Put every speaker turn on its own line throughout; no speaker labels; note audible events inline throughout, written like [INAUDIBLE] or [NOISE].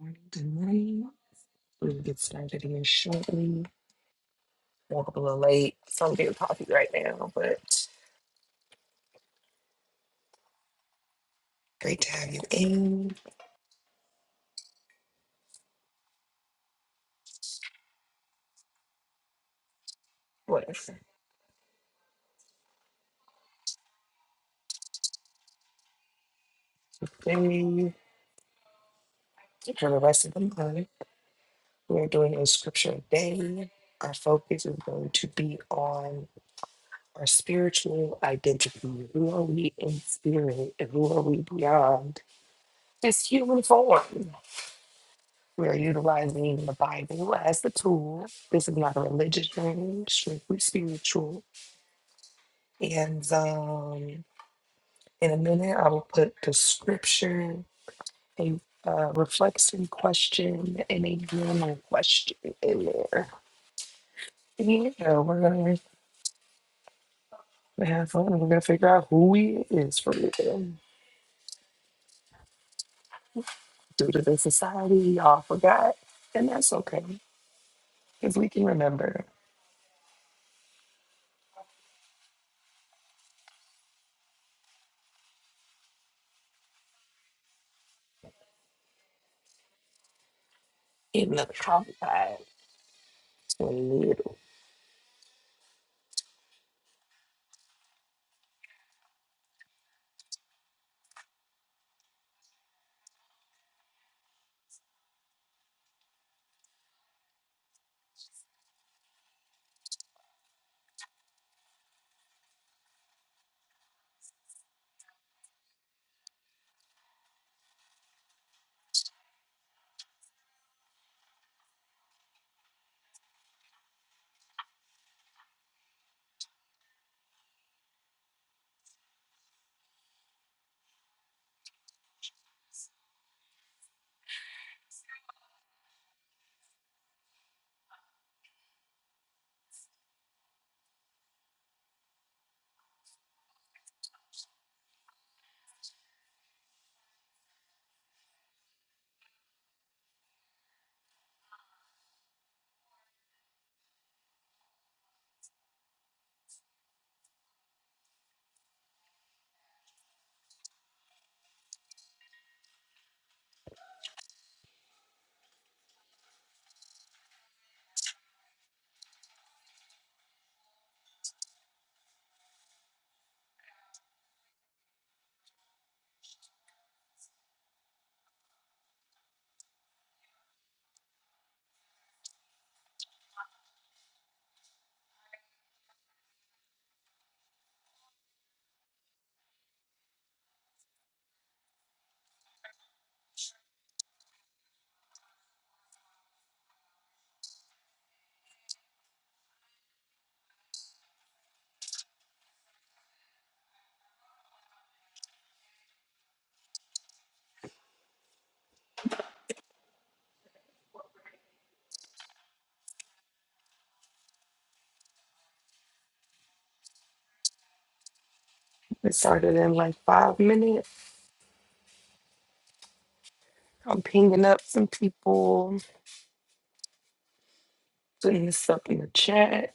Morning, Good morning. We will get started here shortly. Woke up a little late. So I'm getting coffee right now, but great to have you in. Whatever. Today, for the rest of the month, we're doing a scripture a day. Our focus is going to be on our spiritual identity. Who are we in spirit and who are we beyond this human form? We are utilizing the Bible as the tool. This is not a religious journey, strictly spiritual And um, in a minute, I will put the scripture, a uh, reflection question, and a journal question in there. Yeah, we're gonna have fun. We're gonna figure out who we is for real. Due to the society, y'all forgot, and that's okay because we can remember. In the compact, it started in like five minutes. I'm pinging up some people, putting this up in the chat,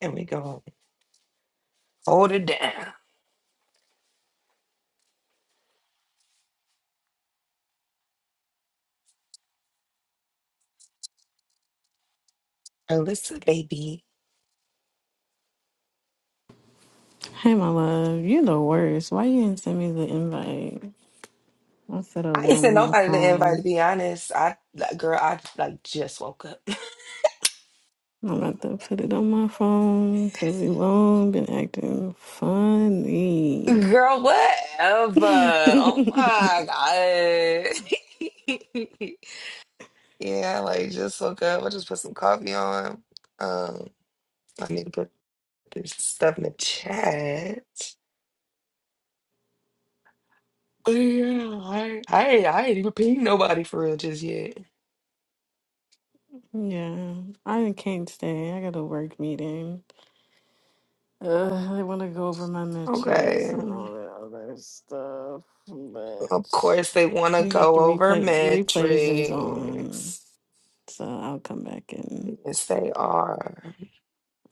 and we go hold it down. Alyssa, baby.
Hey, my love, you're the worst. Why you didn't send me the invite? I set an
I didn't
alarm on my
nobody the invite,
phone.
to be honest. I, like, girl, I, like, just woke up. [LAUGHS]
I'm about to put it on my phone because Elon been acting funny.
Girl,
[LAUGHS]
whatever.
yeah,
Oh my God. [LAUGHS] yeah, like, just woke up. I just put some coffee on. Um, I need to put this stuff in the chat. But yeah, I, I, ain't- I ain't even pinged nobody for real just yet.
I can't stay. I got a work meeting. Uh, I want to go over my metrics
Okay.
and all that other stuff,
Of
but
course, they want to
we got
go
the
over
replay. The replays is on,
metrics.
so I'll come back in.
Yes, they are.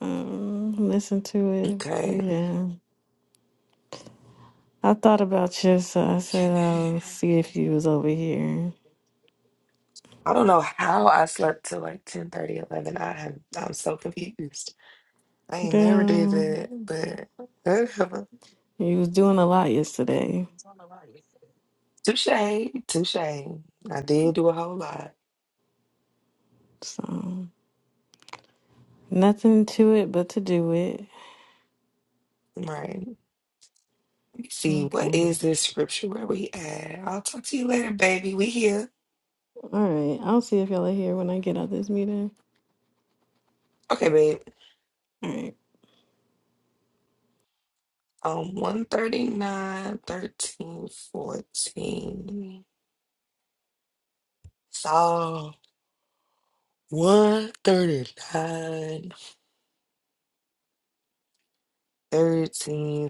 Um, listen to it. But
Okay.
yeah. I thought about you, so I said
Okay.
I'll see if you was over here.
I don't know how I slept till like ten thirty, eleven. I have, I'm so confused. I ain't never did
Girl,
that, but [LAUGHS] whatever.
you was doing a lot yesterday.
touche, touche. I did do a whole lot.
So nothing to it but to do it.
Right. Let me see. What
Okay.
is this scripture? Where we at? I'll talk to you later, baby. We here.
All right. I'll see if y'all are here when I get out this meeting.
Okay, babe.
All
Um, one thirty nine, thirteen, fourteen. Psalm one thirty nine thirteen fourteen.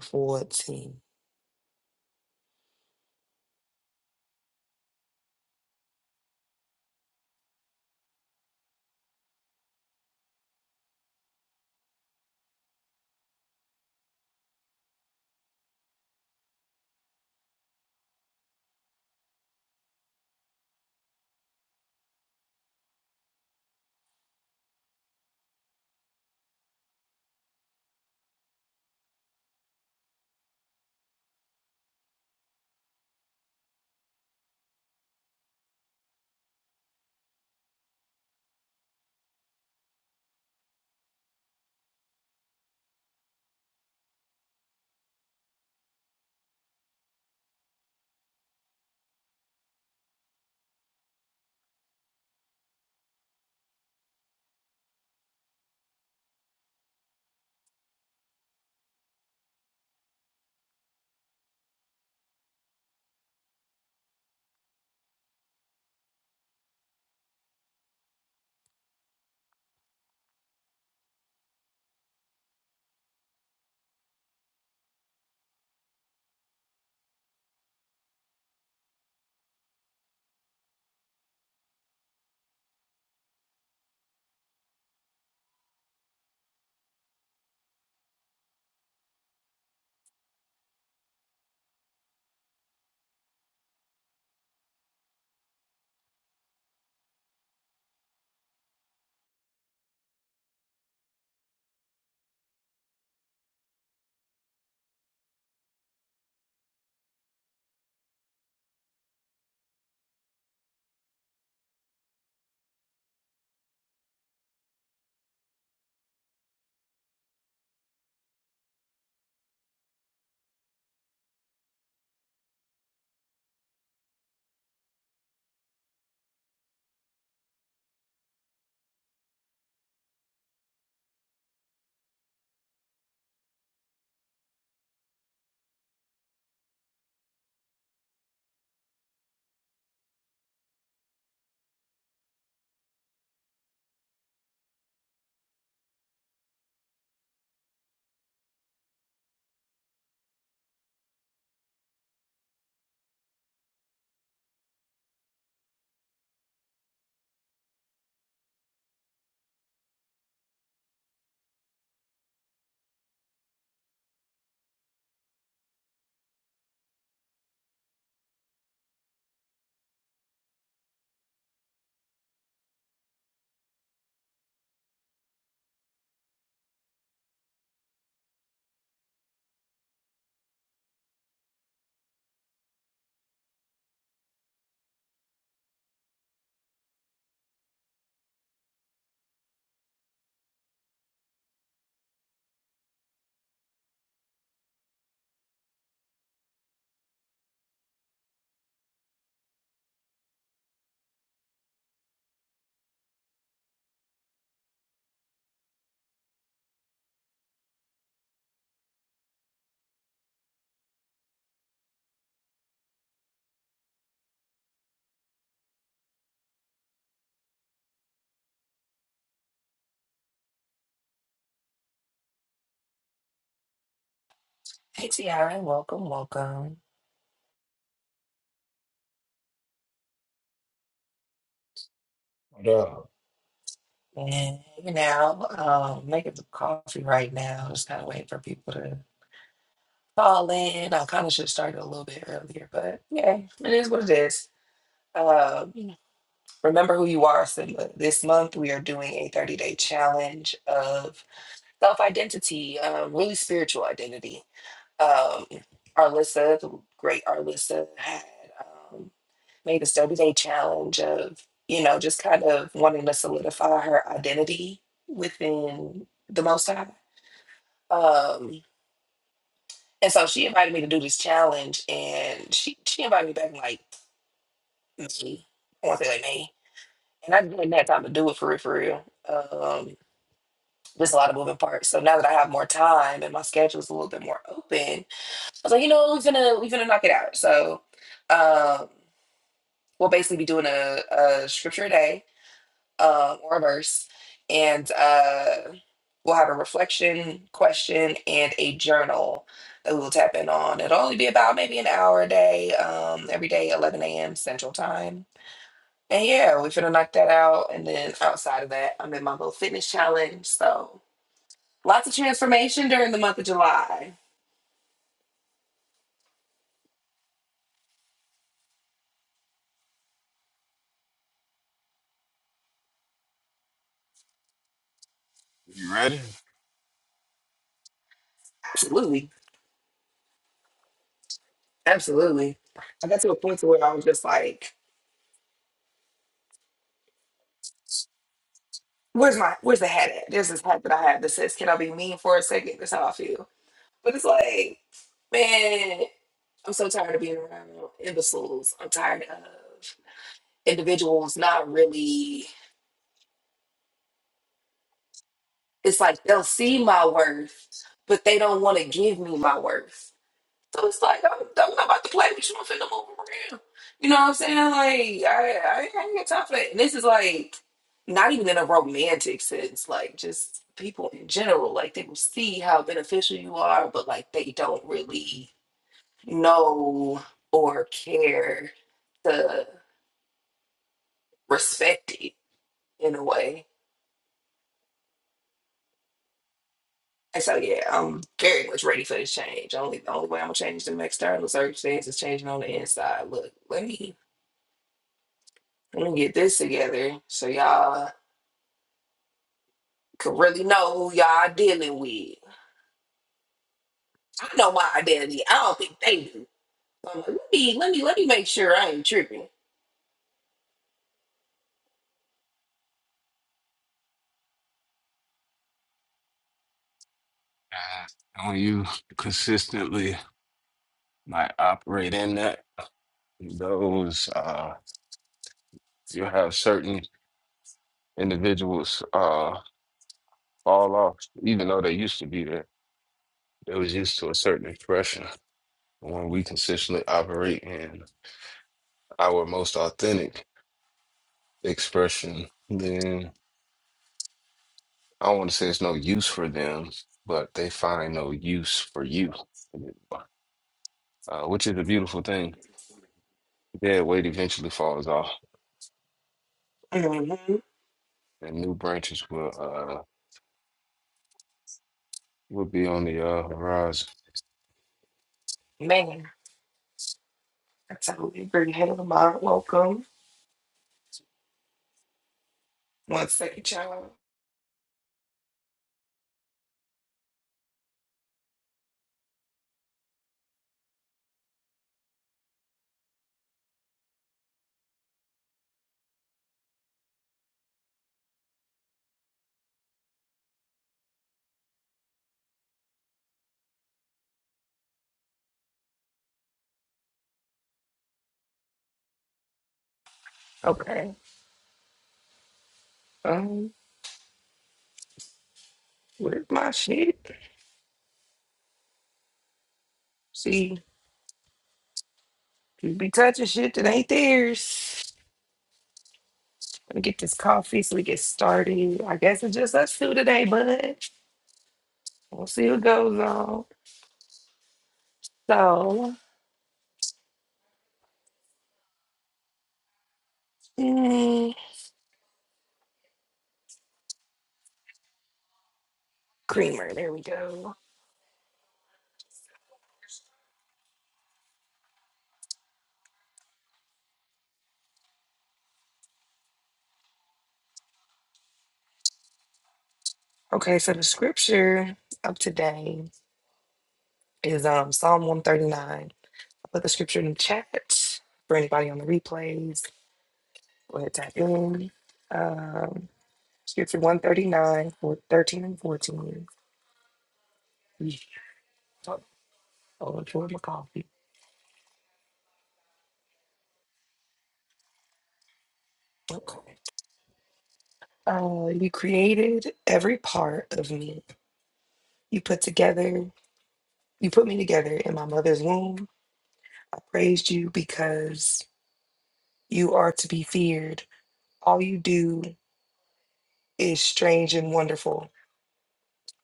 Hey, Tiara, welcome, welcome.
Yeah.
And you know, um, making the coffee right now. Just kind of waiting for people to call in. I kind of should start it a little bit earlier, but yeah, it is what it is. Um, remember who you are, Simba. This month we are doing a 30 day challenge of self identity, um, really spiritual identity. um, Arlissa, the great Arlissa, had um, made this 30 day challenge of, you know, just kind of wanting to solidify her identity within the Most High. Um, and so she invited me to do this challenge, and she, she invited me back in like May. I want to say like May. And I didn't have time to do it for real, for real. Um, there's a lot of moving parts. So now that I have more time and my schedule is a little bit more open, I was like, you know, we're gonna we're gonna knock it out. So um we'll basically be doing a, a scripture a day um, or a verse and uh, we'll have a reflection question and a journal that we will tap in on it'll only be about maybe an hour a day um, every day 11 a.m central time and yeah we're gonna knock that out and then outside of that i'm in my little fitness challenge so lots of transformation during the month of july absolutely absolutely i got to a point to where i was just like where's my where's the hat at? There's this hat that I have that says, Can I be mean for a second? That's how I feel. But it's like, man, I'm so tired of being around imbeciles. I'm tired of individuals not really it's like they'll see my worth, but they don't want to give me my worth. So it's like I'm, I'm not about to play with you. I'm finna move around. You know what I'm saying? Like I, I, ain't- I ain't got time for that. And this is like not even in a romantic sense. Like just people in general. Like they will see how beneficial you are, but like they don't really know or care to respect it in a way. And so yeah, I'm very much ready for this change. Only the only way I'm gonna change the external circumstances is changing on the inside. Look, let me Let me get this together so y'all can really know who y'all dealing with. I know my identity. I don't think they do. I'm like, let me let me let me make sure I ain't tripping.
Uh, when you consistently like operate in that, those uh, you have certain individuals uh fall off, even though they used to be there. They was used to a certain expression. When we consistently operate in our most authentic expression, then I don't want to say it's no use for them, but they find no use for you, uh, which is a beautiful thing. Dead weight eventually falls off.
hmm
and new branches will uh will be on the uh horizon.
Man, I totally agree. Hello, Mom. Welcome. One second, y'all. Okay. Um, where's my shit? See, you be touching shit that ain't theirs. Let me get this coffee so we get started. I guess it's just us two today, bud. we'll see what goes on. So Mm, Creamer, there we go. Okay, so the scripture of today is um Psalm 139. I put the scripture in the chat for anybody on the replays. Go ahead, tap in. Um, scripture 139 for 13 and 14. Yeesh. Oh, oh, I my coffee. Okay. Uh, you created every part of me. You put together, you put me together in my mother's womb. I praised you because you are to be feared. All you do is strange and wonderful.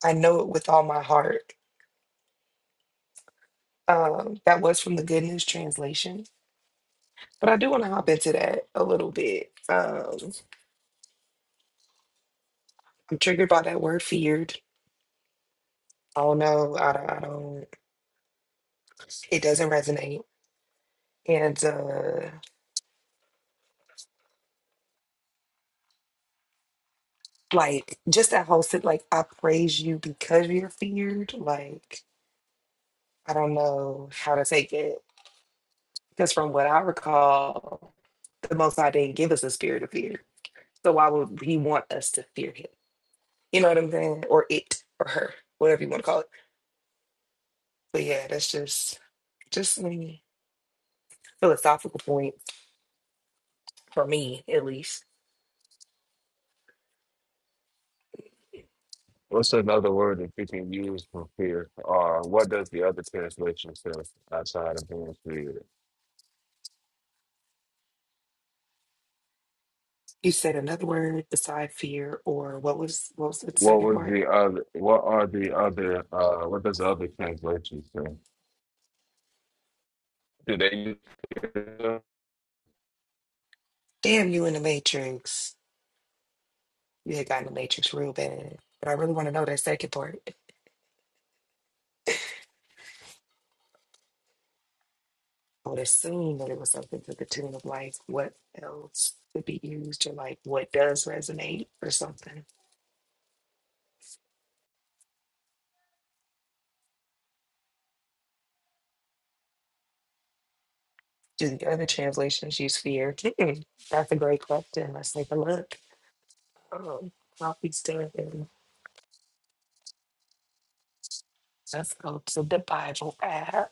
I know it with all my heart. Um, that was from the Good News Translation. But I do want to hop into that a little bit. Um, I'm triggered by that word feared. Oh no, I don't, I don't it doesn't resonate. And uh, like just that whole sit like I praise you because you're feared. Like I don't know how to take it because from what I recall, the Most High didn't give us a spirit of fear. So why would He want us to fear Him? You know what I'm saying? Or it or her, whatever you want to call it. But yeah, that's just just a philosophical point for me at least.
What's another word that you can use for fear? Or what does the other translation say outside of being feared?
You said another word beside fear or what was what was the
What
second
was
part?
the other? What are the other? uh What does the other translation say? Do they use fear?
Damn you in the matrix. You had gotten the matrix real bad. But I really want to know that second part. I would assume that it was something to the tune of like what else could be used or like what does resonate or something. Do the other translations use fear? Mm-mm. That's a great question. Let's take a look. Um, I'll be still Let's go to the Bible app.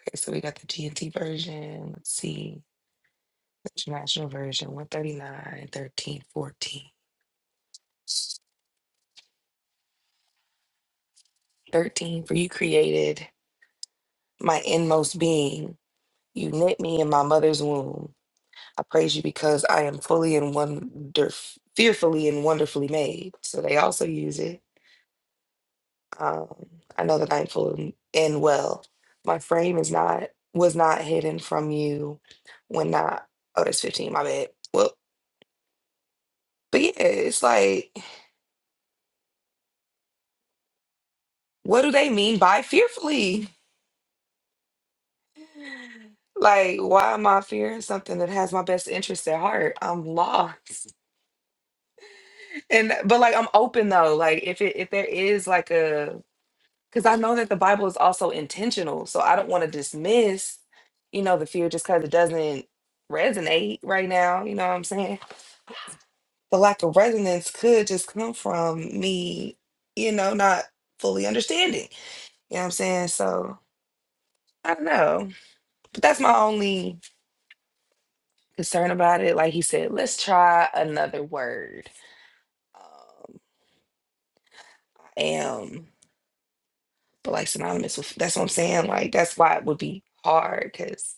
Okay, so we got the TNT version. Let's see. International version 139, 13, fourteen. thirteen, for you created my inmost being. You knit me in my mother's womb. I praise you because I am fully and wonder, fearfully and wonderfully made. So they also use it. Um, I know that I am fully in well. My frame is not was not hidden from you when not oh that's 15, my bad. Well, but yeah, it's like, what do they mean by fearfully? Like, why am I fearing something that has my best interest at heart? I'm lost. And but like I'm open though. Like if it if there is like a because I know that the Bible is also intentional. So I don't want to dismiss, you know, the fear just because it doesn't resonate right now. You know what I'm saying? The lack of resonance could just come from me, you know, not fully understanding. You know what I'm saying? So I don't know. But that's my only concern about it. Like he said, let's try another word. Um, I am, but like synonymous with that's what I'm saying. Like that's why it would be hard because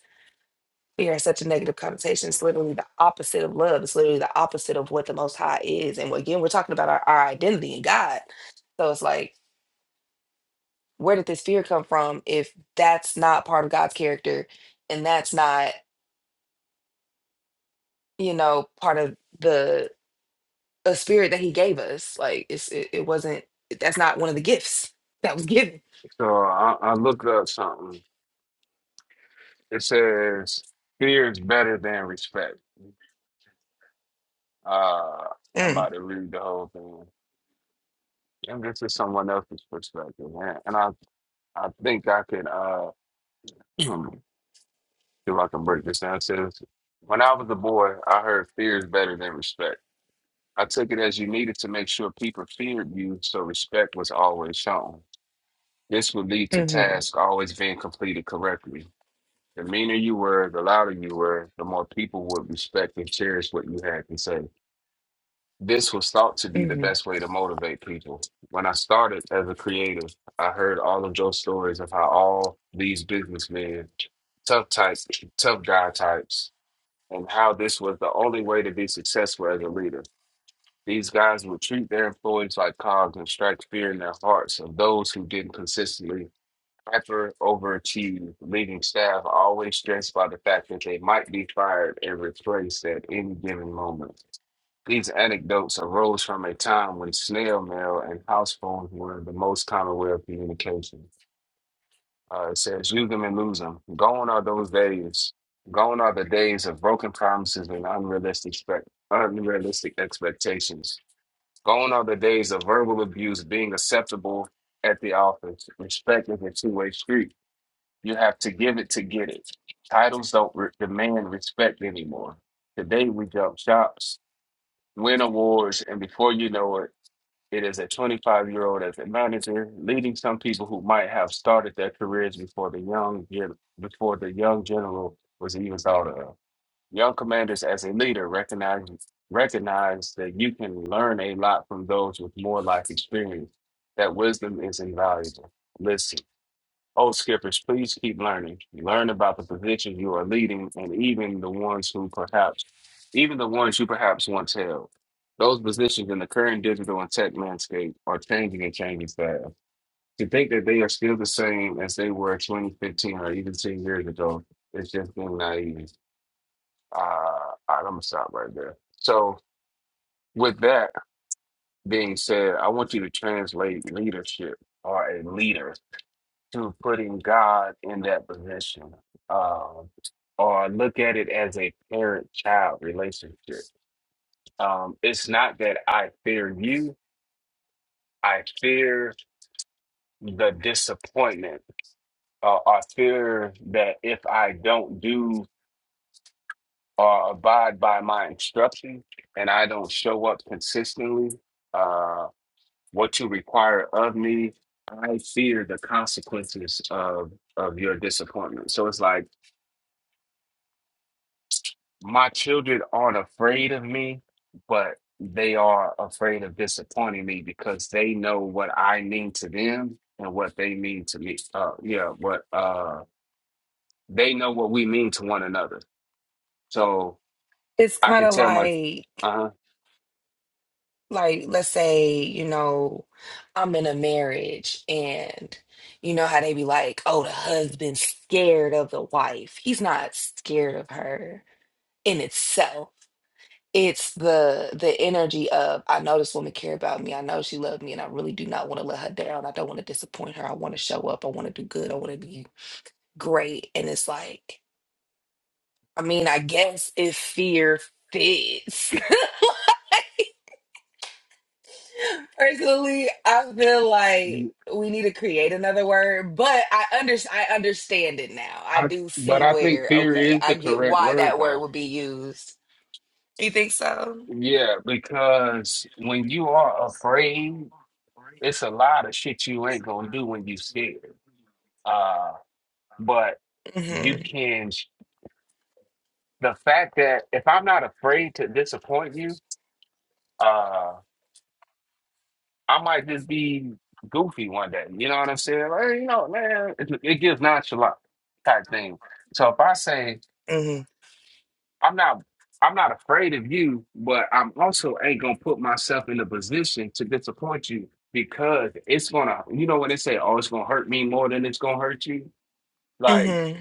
Fear has such a negative connotation. It's literally the opposite of love. It's literally the opposite of what the Most High is. And again, we're talking about our, our identity in God. So it's like, where did this fear come from if that's not part of God's character and that's not, you know, part of the a spirit that He gave us? Like, it's, it, it wasn't, that's not one of the gifts [LAUGHS] that was given.
So I, I looked up something. It says fear is better than respect. Uh, I'm
Mm,
about to read the whole thing, and this is someone else's perspective, man. And I I think I could uh. See if I can break this down. It says, when I was a boy, I heard fear is better than respect. I took it as you needed to make sure people feared you, so respect was always shown. This would lead to
hmm
tasks always being completed correctly. The meaner you were, the louder you were, the more people would respect and cherish what you had to say. This was thought to be the
hmm
best way to motivate people. When I started as a creative, I heard all of Joe's stories of how all these businessmen, tough types, tough guy types, and how this was the only way to be successful as a leader. These guys would treat their employees like cogs and strike fear in their hearts of those who didn't consistently hyper overachieve, leaving staff always stressed by the fact that they might be fired and replaced at any given moment. These anecdotes arose from a time when snail mail and house phones were the most common way of communication. Uh, it says, use them and lose them. Gone are those days. Gone are the days of broken promises and unrealistic, spec- unrealistic expectations. Gone are the days of verbal abuse being acceptable at the office. Respect is a two way street. You have to give it to get it. Titles don't re- demand respect anymore. Today we jump shops, win awards, and before you know it, it is a 25 year old as a manager, leading some people who might have started their careers before the young gen- before the young general was even thought of. Young commanders as a leader recognize recognize that you can learn a lot from those with more life experience. That wisdom is invaluable. Oh, skippers, please keep learning. Learn about the positions you are leading and even the ones who perhaps, even the ones you perhaps once held. Those positions in the current digital and tech landscape are changing and changing fast. To think that they are still the same as they were 2015 or even 10 years ago is just being naive. Uh, all right, I'm going to stop right there. So, with that being said, I want you to translate leadership or a leader to putting God in that position, um, or look at it as a parent-child relationship. Um, it's not that I fear you, I fear the disappointment, uh, I fear that if I don't do or abide by my instruction and I don't show up consistently, uh, what you require of me, I fear the consequences of of your disappointment. So it's like My children aren't afraid of me, but they are afraid of disappointing me because they know what I mean to them and what they mean to me. Uh, yeah, what uh, they know what we mean to one another. So
It's
I
kind
can
of
tell my,
like,
uh,
like let's say you know i'm in a marriage and you know how they be like oh the husband's scared of the wife he's not scared of her in itself it's the the energy of i know this woman care about me i know she loved me and i really do not want to let her down i don't want to disappoint her i want to show up i want to do good i want to be great and it's like i mean i guess if fear fits [LAUGHS] Personally, I feel like we need to create another word, but I under I understand it now. I
I,
do
but
see
I think
where,
fear
okay,
is
I
the
get
correct
why
word
that word
though.
would be used. You think so?
Yeah, because when you are afraid, it's a lot of shit you ain't gonna do when you scared. Uh, but you
Mm-hmm.
can. the fact that if I'm not afraid to disappoint you, uh, I might just be goofy one day. You know what I'm saying? Like, "Hey, you know, man, it, it gives nonchalant type thing. So if I say
Mm-hmm.
I'm not, I'm not afraid of you, but I'm also ain't gonna put myself in a position to disappoint you because it's gonna, you know, when they say, "Oh, it's gonna hurt me more than it's gonna hurt you," like
Mm-hmm.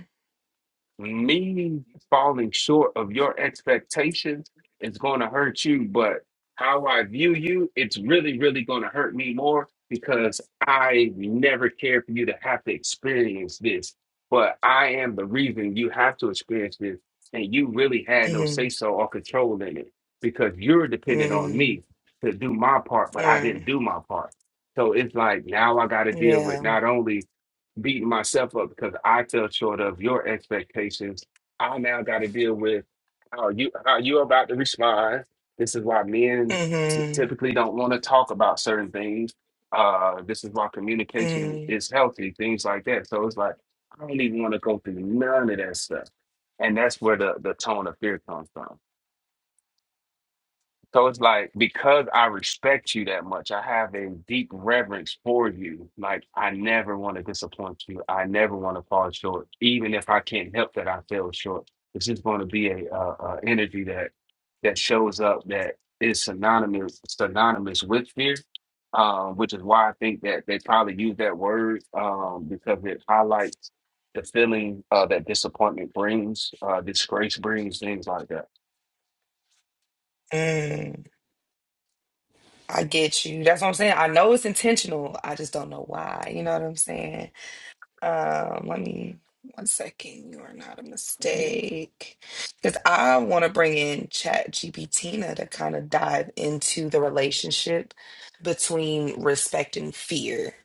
me falling short of your expectations is going to hurt you, but how I view you, it's really, really going to hurt me more because I never cared for you to have to experience this. But I am the reason you have to experience this, and you really had no say
Mm-hmm.
so or control in it because you're dependent on me
Mm-hmm.
to do my part, but I didn't
Right.
do my part. So it's like now I got to deal with
Yeah.
not only beating myself up because I fell short of your expectations. I now got to deal with how you how you about to respond. This is why men t-
Mm-hmm.
typically don't want to talk about certain things. Uh, this is why communication
Mm-hmm.
is healthy, things like that. So it's like I don't even want to go through none of that stuff, and that's where the the tone of fear comes from. So it's like because I respect you that much, I have a deep reverence for you. Like I never want to disappoint you. I never want to fall short, even if I can't help that I fell short. It's just going to be a, uh uh energy that that shows up that is synonymous synonymous with fear, um, which is why I think that they probably use that word um, because it highlights the feeling uh, that disappointment brings, uh, disgrace brings, things like that.
Mm. I get you. That's what I'm saying. I know it's intentional. I just don't know why. You know what I'm saying? Um, let me one second. You are not a mistake. Because I want to bring in Chat GPT to kind of dive into the relationship between respect and fear.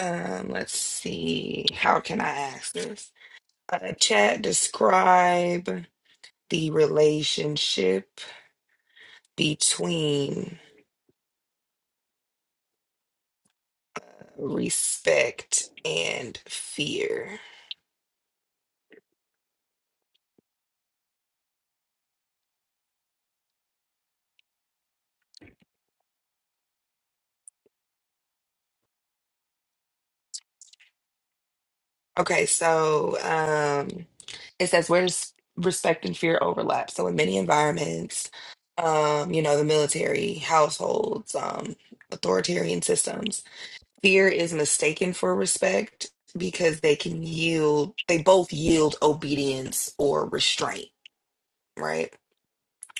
Um, let's see. How can I ask this? Uh, Chat, describe the relationship between respect, and fear. Okay, so um, it says where does respect and fear overlap? So in many environments, um, you know, the military, households, um, authoritarian systems. fear is mistaken for respect because they can yield they both yield obedience or restraint right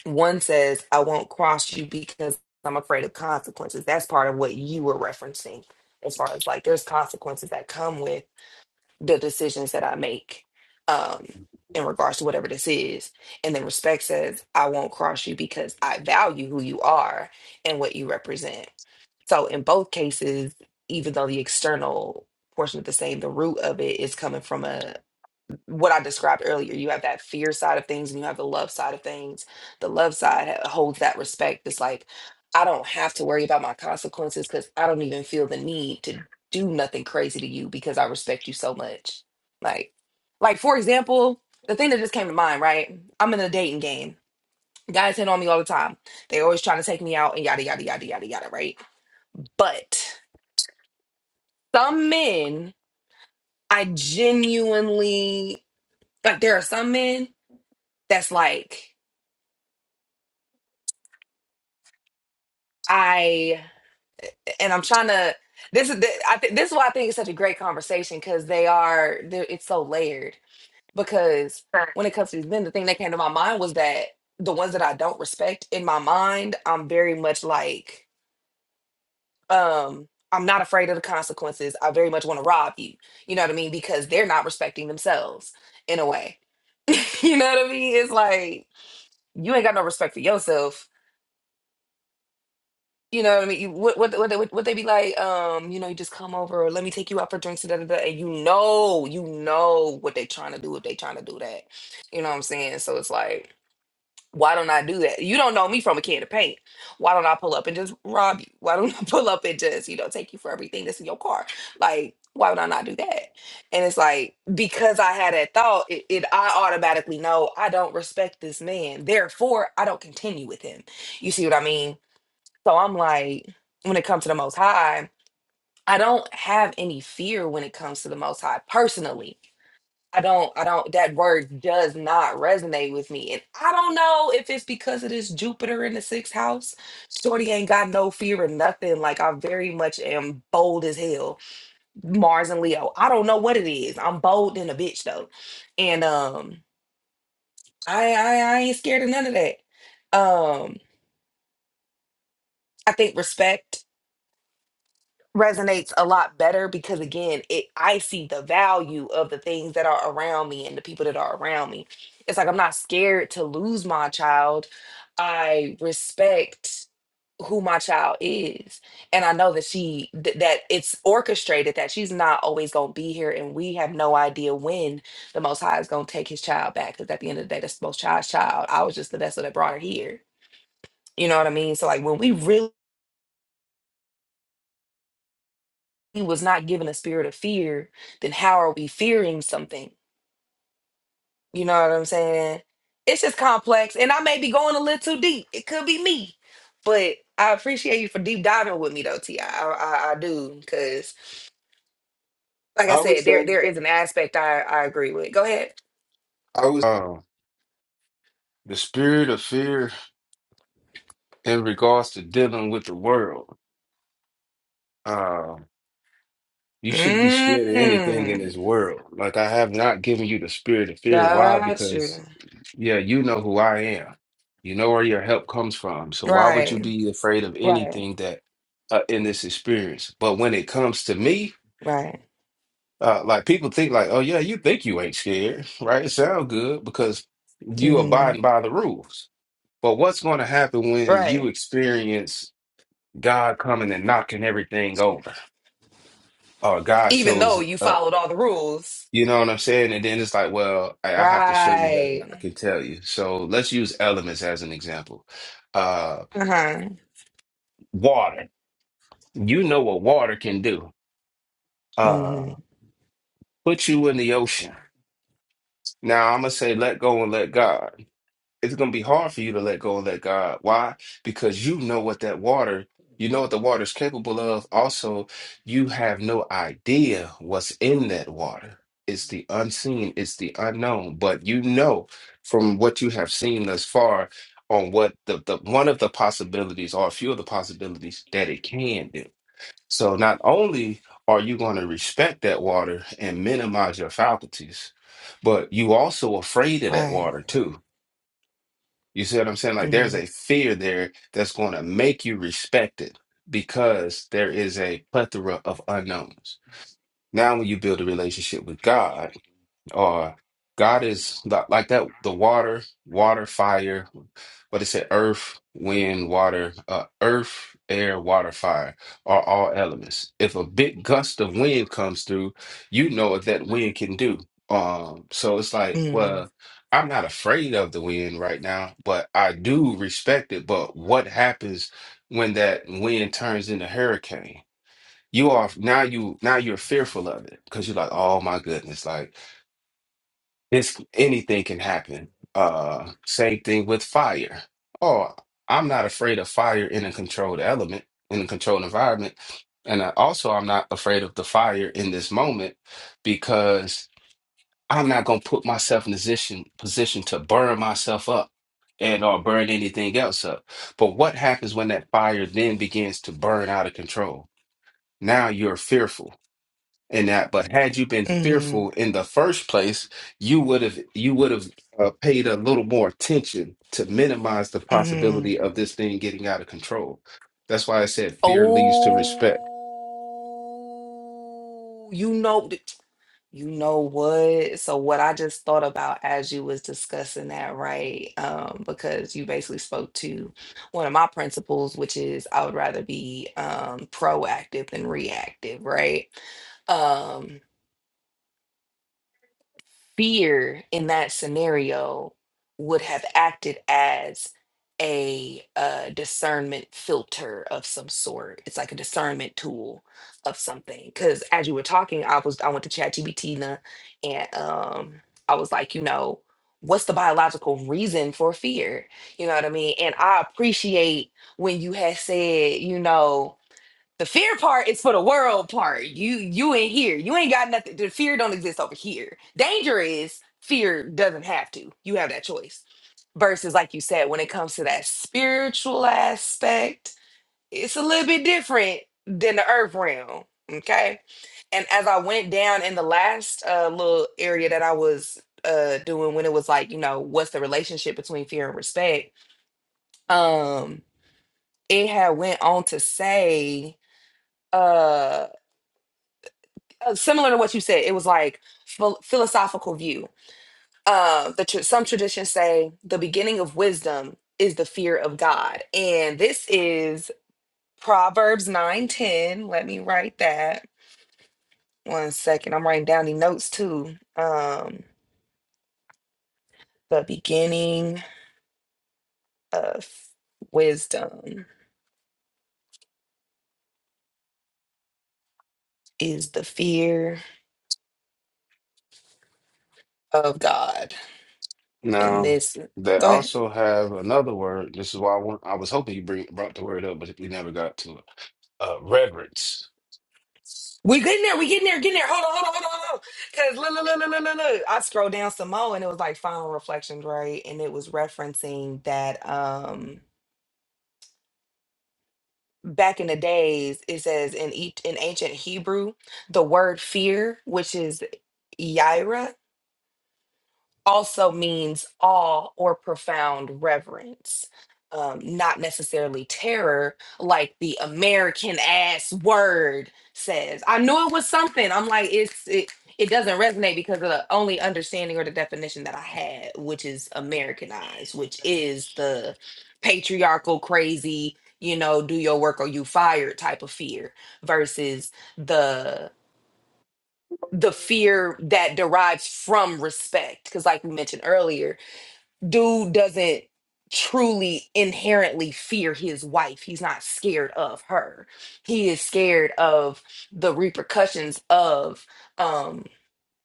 one says i won't cross you because i'm afraid of consequences that's part of what you were referencing as far as like there's consequences that come with the decisions that i make um in regards to whatever this is and then respect says i won't cross you because i value who you are and what you represent so in both cases, even though the external portion of the same, the root of it is coming from a what I described earlier. You have that fear side of things and you have the love side of things. The love side ha- holds that respect. It's like I don't have to worry about my consequences because I don't even feel the need to do nothing crazy to you because I respect you so much. Like, like for example, the thing that just came to mind, right? I'm in a dating game. Guys hit on me all the time. They always trying to take me out and yada yada yada yada yada, right? But some men, I genuinely like. There are some men that's like I, and I'm trying to. This is th- I think this is why I think it's such a great conversation because they are. they're- It's so layered because when it comes to these men, the thing that came to my mind was that the ones that I don't respect in my mind, I'm very much like um. I'm not afraid of the consequences. I very much want to rob you. You know what I mean? Because they're not respecting themselves in a way. [LAUGHS] you know what I mean? It's like you ain't got no respect for yourself. You know what I mean? You, what, what, what, they- what, they be like? Um, you know, you just come over, or let me take you out for drinks, and da, da, da, and you know, you know what they trying to do if they trying to do that. You know what I'm saying? So it's like, why don't I do that? You don't know me from a can of paint. Why don't I pull up and just rob you? Why don't [LAUGHS] I pull up and just, you know, take you for everything that's in your car? Like, why would I not do that? And it's like, because I had that thought, it, it I automatically know I don't respect this man. Therefore, I don't continue with him. You see what I mean? So I'm like, when it comes to the most high, I don't have any fear when it comes to the most high personally I don't, I don't, that word does not resonate with me. And I don't know if it's because of this Jupiter in the sixth house. Shorty ain't got no fear of nothing. Like, I very much am bold as hell. Mars and Leo. I don't know what it is. I'm bold than a bitch, though. And um, I, I, I ain't scared of none of that. Um, I think respect resonates a lot better because again it i see the value of the things that are around me and the people that are around me it's like i'm not scared to lose my child i respect who my child is and i know that she th- that it's orchestrated that she's not always going to be here and we have no idea when the most high is going to take his child back because at the end of the day that's the most child's child i was just the vessel that brought her here you know what i mean so like when we really he was not given a spirit of fear, then how are we fearing something? You know what I'm saying? It's just complex. And I may be going a little too deep. It could be me. But I appreciate you for deep diving with me though, T. I I, I I do. Cause like I
I would
said,
say
there there is an aspect I, I agree with. Go ahead.
I was. than the world. Um, you shouldn't be scared of anything in this
Mm.
world. Like I have not given you the spirit of fear. Why?
Gotcha.
Because yeah, you know who I am. You know where your help comes from. So why would you
Right.
be afraid of
Right.
anything that uh, in this experience? But when it comes to me,
Right.
uh, like people think like, oh yeah, you think you ain't scared, [LAUGHS] right? It sounds good because you
hmm
abiding by the rules. But what's going to happen when you
Right.
experience God coming and knocking everything over? oh, God
Even though
shows
you
up.
followed all the rules.
You know what I'm saying? And then it's like, well, I, I have to show you better than
Right.
I can tell you. So let's use elements as an example. Uh,
Uh-huh.
water. You know what water can do.
Mm-hmm.
Uh, put you in the ocean. Now I'm gonna say, let go and let God. it's going to be hard for you to let go and let God. Why? Because you know what that water, you know what the water is capable of. Also, you have no idea what's in that water. It's the unseen, it's the unknown. But you know from what you have seen thus far on what the, the one of the possibilities or a few of the possibilities that it can do. So not only are you going to respect that water and minimize your faculties, but you also afraid of that
Right.
water too you see what I'm saying? Like there's
Mm-hmm.
a fear there that's going to make you respected because there is a plethora of unknowns. Now, when you build a relationship with God, uh, God is li- like that, the water, water, fire, what it said, earth, wind, water, uh, earth, air, water, fire are all elements. If a big gust of wind comes through, you know what that wind can do. Um, so it's like,
Mm-hmm.
well, I'm not afraid of the wind right now, but I do respect it. But what happens when that wind turns into hurricane? You are now you now you're fearful of it because you're like, oh my goodness, like it's anything can happen. Uh, same thing with fire. Oh, I'm not afraid of fire in a controlled element, in a controlled environment. And I, also, I'm not afraid of the fire in this moment because I'm not going to put myself in a position position to burn myself up and or burn anything else up. But what happens when that fire then begins to burn out of control? Now you're fearful in that. But had you been
Mm-hmm.
fearful in the first place, you would have you would have uh, paid a little more attention to minimize the possibility
Mm-hmm.
of this thing getting out of control. That's why I said fear leads to respect.
Oh, you know, th- you know what? So what I just thought about as you was discussing that, right? Um, because you basically spoke to one of my principles, which is I would rather be um proactive than reactive, right? Um. fear in that scenario would have acted as a uh, discernment filter of some sort. It's like a discernment tool of something. Because as you were talking, I was I went to ChatGPT and um, I was like, you know, what's the biological reason for fear? You know what I mean? And I appreciate when you had said, you know. The fear part is for the world part. You you ain't here. You ain't got nothing. The fear don't exist over here. Danger is fear doesn't have to. You have that choice. Versus, like you said, when it comes to that spiritual aspect, it's a little bit different than the earth realm. Okay. And as I went down in the last uh, little area that I was uh, doing when it was like, you know, what's the relationship between fear and respect? Um, it had went on to say, uh uh, similar to what you said, it was like phil- philosophical view. Uh, the tr- some traditions say the beginning of wisdom is the fear of God, and this is Proverbs nine ten. Let me write that one second. I'm writing down the notes too. Um, the beginning of wisdom is the fear of God, and
Now
this.
they
Go ahead.
also have another word. This is why I want, I was hoping you bring brought the word up, but we never got to it. Uh, reverence.
We getting there. We getting there. Getting there. Hold on. Hold on. Hold on. Hold on. Because look, look, look, look, look, look, look. I scrolled down some more, and it was like final reflections, right? And it was referencing that um back in the days, it says in each in ancient Hebrew, the word fear, which is yaira, also means awe or profound reverence, um, not necessarily terror, like the American ass word says. I knew it was something. I'm like, it's it. It doesn't resonate because of the only understanding or the definition that I had, which is Americanized, which is the patriarchal, crazy, you know, do your work or you fired type of fear versus the the fear that derives from respect. Because like we mentioned earlier, dude doesn't truly inherently fear his wife. He's not scared of her. He is scared of the repercussions of um,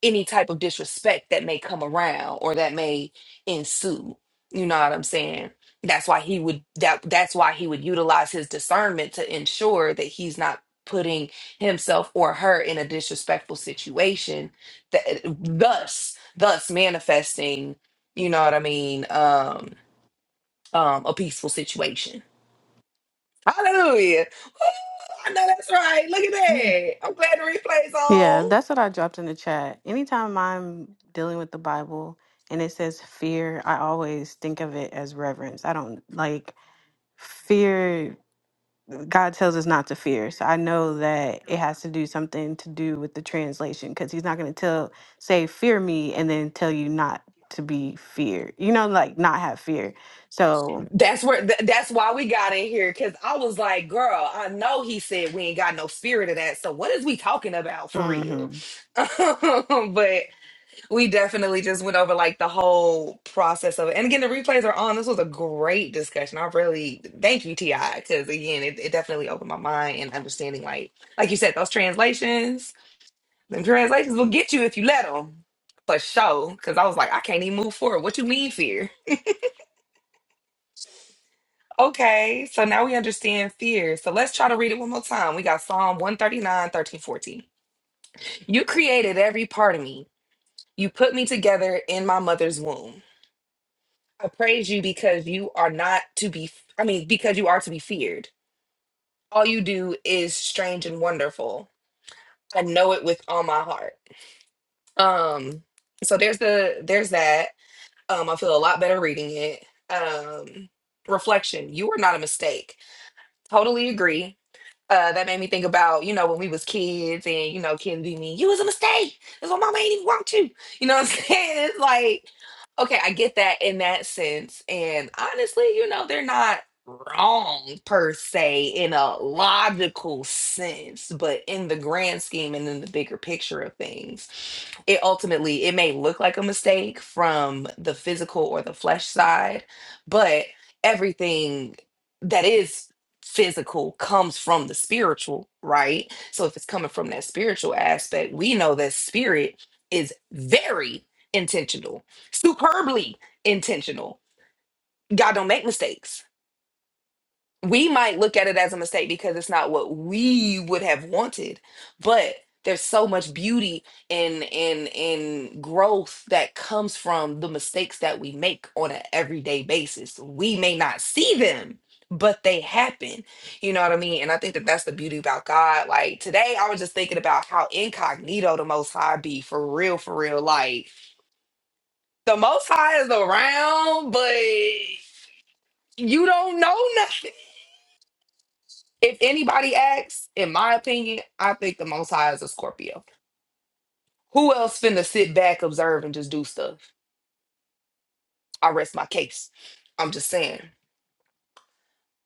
any type of disrespect that may come around or that may ensue. You know what I'm saying? That's why he would that that's why he would utilize his discernment to ensure that he's not putting himself or her in a disrespectful situation that thus thus manifesting, you know what I mean, um um a peaceful situation. Hallelujah. Woo! I know that's right. Look at
right.
that. I'm glad the replay's
Yeah,
on.
that's what I dropped in the chat. Anytime I'm dealing with the Bible and it says fear, I always think of it as reverence. I don't like fear. God tells us not to fear. So I know that it has to do something to do with the translation because he's not going to tell, say, fear me, and then tell you not to be feared, you know, like not have fear. So,
That's where. th- that's why we got in here because I was like, "Girl, I know he said we ain't got no spirit of that. So what is we talking about for
hmm
real?" [LAUGHS] but we definitely just went over like the whole process of it. And again, the replays are on. This was a great discussion. I really thank you, Ti, because again, it, it definitely opened my mind and understanding. Like, like you said, those translations, them translations will get you if you let them, for sure. Because I was like, I can't even move forward. What you mean, fear? Okay, so now we understand fear. So let's try to read it one more time. We got Psalm one thirty nine thirteen fourteen. You created every part of me. You put me together in my mother's womb. I praise you because you are not to be, I mean, because you are to be feared. All you do is strange and wonderful. I know it with all my heart. Um, so there's the there's that. Um, I feel a lot better reading it. Um, reflection. You are not a mistake. Totally agree uh, that made me think about, you know, when we was kids and, you know, kids be mean, you was a mistake. That's why mama ain't even want you. You know what I'm [LAUGHS] saying? It's like, okay, I get that in that sense. And honestly, you know, they're not wrong per se in a logical sense, but in the grand scheme and in the bigger picture of things, it ultimately, it may look like a mistake from the physical or the flesh side, but everything that is physical comes from the spiritual, right? So if it's coming from that spiritual aspect, we know that spirit is very intentional, superbly intentional. God don't make mistakes we might look at it as a mistake because it's not what we would have wanted but there's so much beauty and and and growth that comes from the mistakes that we make on an everyday basis we may not see them but they happen you know what i mean and i think that that's the beauty about god like today i was just thinking about how incognito the most high be for real for real like the most high is around but you don't know If anybody asks, in my opinion, I think the Most High is a Scorpio. Who else finna sit back, observe, and just do stuff? I rest my case. I'm just saying.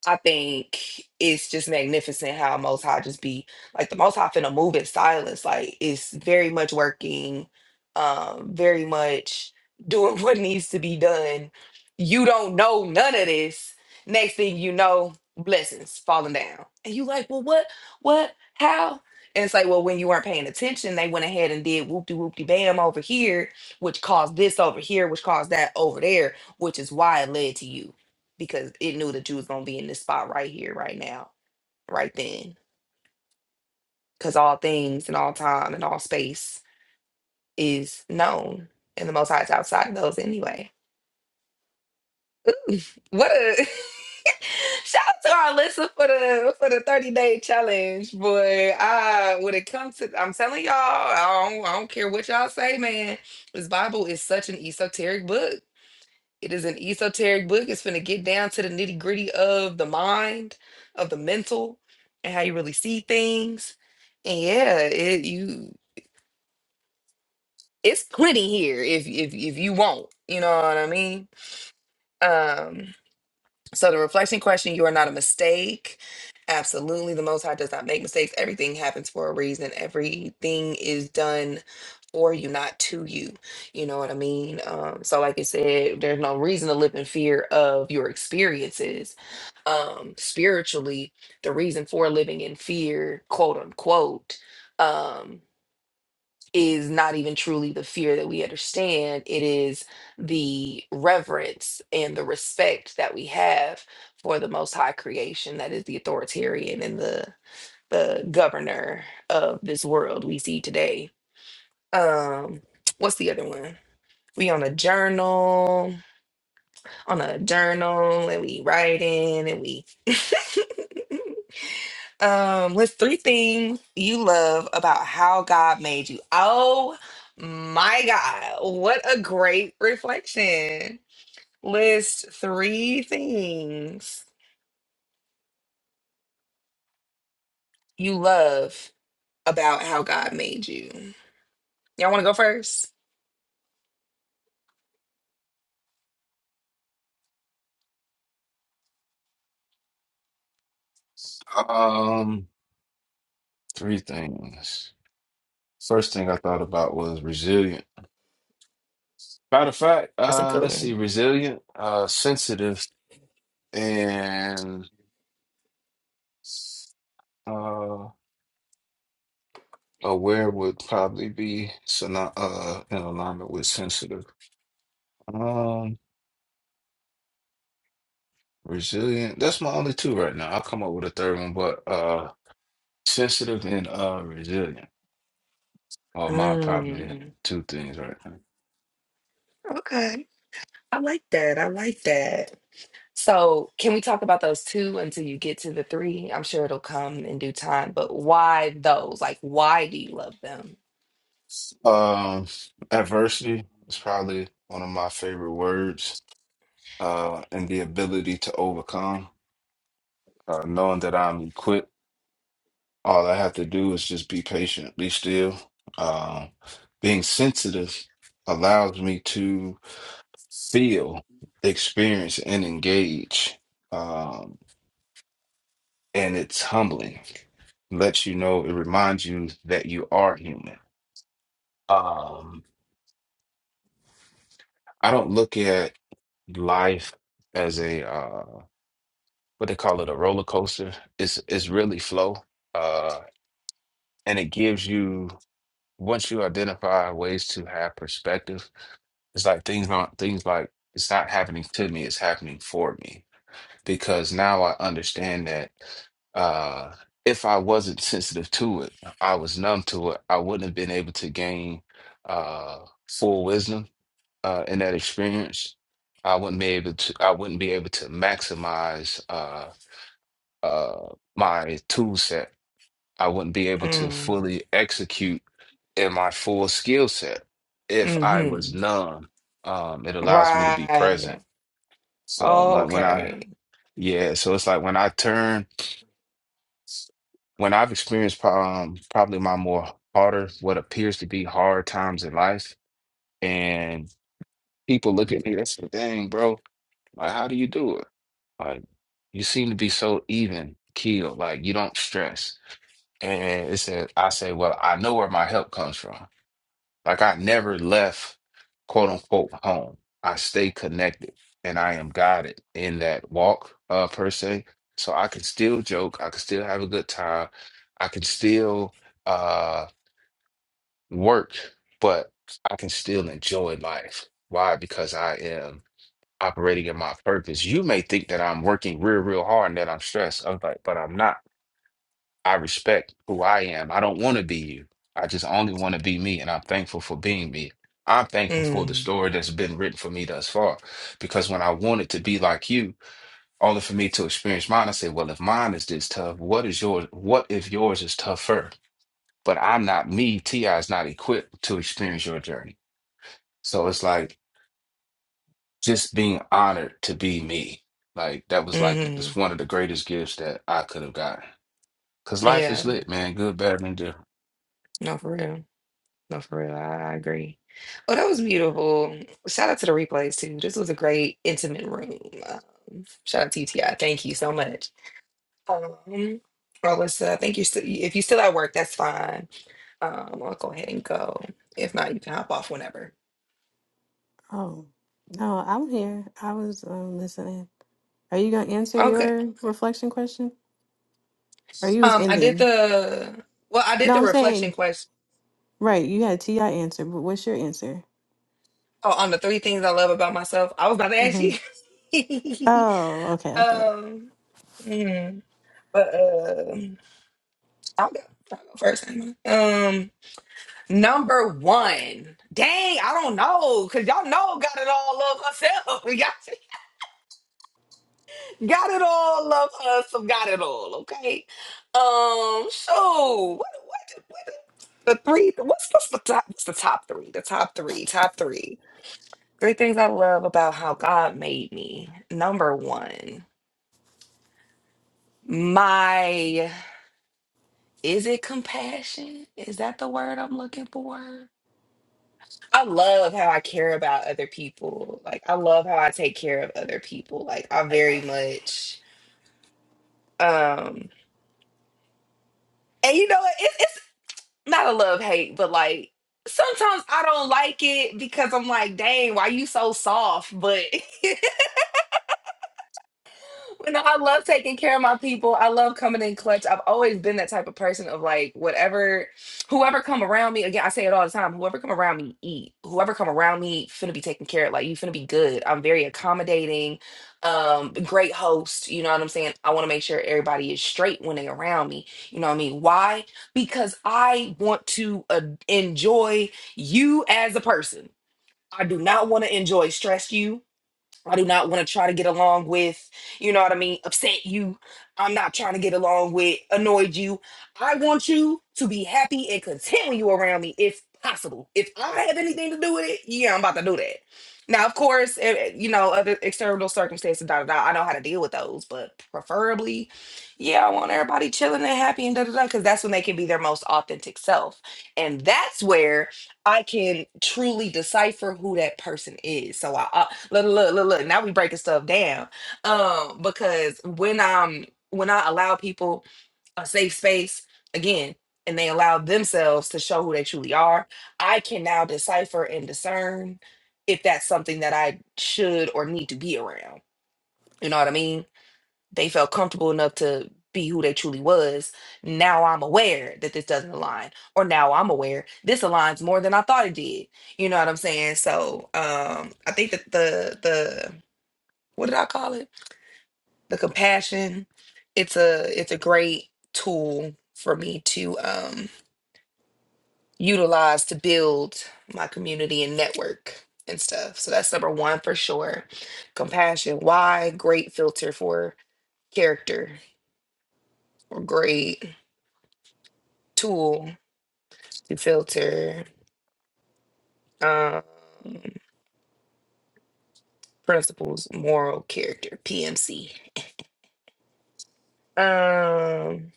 I think it's just magnificent how Most High just be like the Most High finna move in silence. Like it's very much working, um, very much doing [LAUGHS] what needs to be done. You don't know none of this. Next thing you know, blessings falling down, and you like, well, what, what, how? And it's like, well, when you weren't paying attention, they went ahead and did whoop de whoop de bam over here, which caused this over here, which caused that over there, which is why it led to you because it knew that you was gonna be in this spot right here, right now, right then. Because all things and all time and all space is known, and the Most High is outside of those anyway. What a [LAUGHS] shout out to our listener for the for the thirty day challenge, boy. Uh, when it comes to, I'm telling y'all, I don't, I don't care what y'all say, man. This Bible is such an esoteric book. It is an esoteric book. It's going to get down to the nitty gritty of the mind, of the mental, and how you really see things. And yeah, it you it's plenty here if if if you want. You know what I mean? Um, So the reflection question, you are not a mistake. Absolutely. The Most High does not make mistakes. Everything happens for a reason. Everything is done for you, not to you. You know what I mean? Um, so like I said, there's no reason to live in fear of your experiences. Um, spiritually, the reason for living in fear, quote unquote, um, is not even truly the fear that we understand. It is the reverence and the respect that we have for the most high creation that is the authoritarian and the the governor of this world we see today. Um, what's the other one? We on a journal, on a journal, and we writing and we [LAUGHS] Um, list three things you love about how God made you. Oh my God, what a great reflection. List three things you love about how God made you. Y'all want to go first?
Um, three things. First thing I thought about was resilient. Matter of fact,
That's a
uh,
good
let's see,
one.
resilient, uh, sensitive, and uh, aware would probably be synony- uh, in alignment with sensitive. Um, resilient. That's my only two right now. I'll come up with a third one, but uh, sensitive and uh, resilient are my probably
Mm,
two things right now.
okay. I like that. I like that. So, can we talk about those two until you get to the three? I'm sure it'll come in due time, but why those? Like, why do you love them?
Um, adversity is probably one of my favorite words. Uh, and the ability to overcome, uh, knowing that I'm equipped All I have to do is just be patient, be still. Um, being sensitive allows me to feel, experience, and engage. Um, and it's humbling. Lets you know, it reminds you that you are human. Um, I don't look at life as a uh, what they call it, a roller coaster. It's it's really flow. Uh, and it gives you once you identify ways to have perspective It's like things not things like it's not happening to me, it's happening for me. Because now I understand that uh if I wasn't sensitive to it, I was numb to it, I wouldn't have been able to gain uh full wisdom uh in that experience. I wouldn't be able to I wouldn't be able to maximize uh uh my tool set. I wouldn't be able to
Mm.
fully execute in my full skill set if I was
Mm-hmm.
numb. Um, it allows me to be present.
Right.
So like when I
Okay.
yeah, so it's like when I turn when I've experienced pro- um, probably my more harder what appears to be hard times in life, and people look at me, that's the dang, bro. Like, how do you do it? Like, you seem to be so even keeled. Like, you don't stress. And it said, I say, well, I know where my help comes from. Like I never left quote unquote home. I stay connected and I am guided in that walk, uh, per se. So I can still joke, I can still have a good time, I can still uh work, but I can still enjoy life. Why? Because I am operating in my purpose. You may think that I'm working real, real hard and that I'm stressed. I'm like, but I'm not. I respect who I am. I don't want to be you. I just only want to be me, and I'm thankful for being me. I'm thankful for the
Mm.
story that's been written for me thus far. Because when I wanted to be like you, only for me to experience mine, I said, Well, if mine is this tough, what is yours? What if yours is tougher? But I'm not me. T.I. is not equipped to experience your journey. So it's like just being honored to be me. Like that was like
Mm-hmm.
it's one of the greatest gifts that I could have gotten. Cause life is
Yeah.
lit, man. Good, better, than different.
No, for real. No, for real. I, I agree. Oh, that was beautiful. Shout out to the replays too. This was a great intimate room. Um, shout out to UTI. Thank you so much. Um, Alyssa, thank you. St- if you're still at work, that's fine. Um, I'll go ahead and go. If not, you can hop off whenever.
oh, no, I'm here. I was um, listening. Are you going to answer
Okay.
your reflection question? Or you was
Um, I did
ending?
the well, I did
No,
the
I'm
reflection
saying,
question
right, you had T.I. answer, but what's your answer?
Oh, on the three things I love about myself, I was about to ask
hmm
you. [LAUGHS]
Oh, okay, okay.
um, mm, but uh, I'll go, I'll go first. ain't I? Um, number one. Dang, I don't know, cause y'all know got it all of herself. [LAUGHS] got, got it all of us. so Got it all. Okay. Um. So what? What? what the three? What's, what's the top? What's the top three? The top three. Top three. Three things I love about how God made me. Number one, my is it compassion? Is that the word I'm looking for? I love how I care about other people. Like I love how I take care of other people. Like I very much um and you know it, it's not a love hate, but like sometimes I don't like it because I'm like, dang, why you so soft? But [LAUGHS] You know, I love taking care of my people. I love coming in clutch. I've always been that type of person of like whatever, whoever come around me. Again, I say it all the time. Whoever come around me, eat. Whoever come around me, finna be taken care of. Like you finna be good. I'm very accommodating, um, great host. You know what I'm saying? I want to make sure everybody is straight when they around me. You know what I mean? Why? Because I want to uh, enjoy you as a person. I do not want to enjoy stress you. I do not want to try to get along with, you know what I mean, upset you. I'm not trying to get along with, annoyed you. I want you to be happy and content when you around me if possible. If I have anything to do with it, yeah, I'm about to do that. Now, of course, eh, eh, you know, other external circumstances, da da da, I know how to deal with those, but preferably, yeah, I want everybody chilling and happy and da da da, because that's when they can be their most authentic self. And that's where I can truly decipher who that person is. So I uh, look, look, look, look. Now we breaking stuff down, um, because when um when I allow people a safe space again, and they allow themselves to show who they truly are, I can now decipher and discern if that's something that I should or need to be around. You know what I mean? they felt comfortable enough to be who they truly was. Now I'm aware that this doesn't align, or now I'm aware this aligns more than I thought it did. You know what I'm saying? So um, I think that the the what did I call it? The compassion. It's a it's a great tool for me to um, utilize to build my community and network and stuff. So that's number one for sure. Compassion. Why? Great filter for character or grade tool to filter um, principles, moral character, PMC. Um,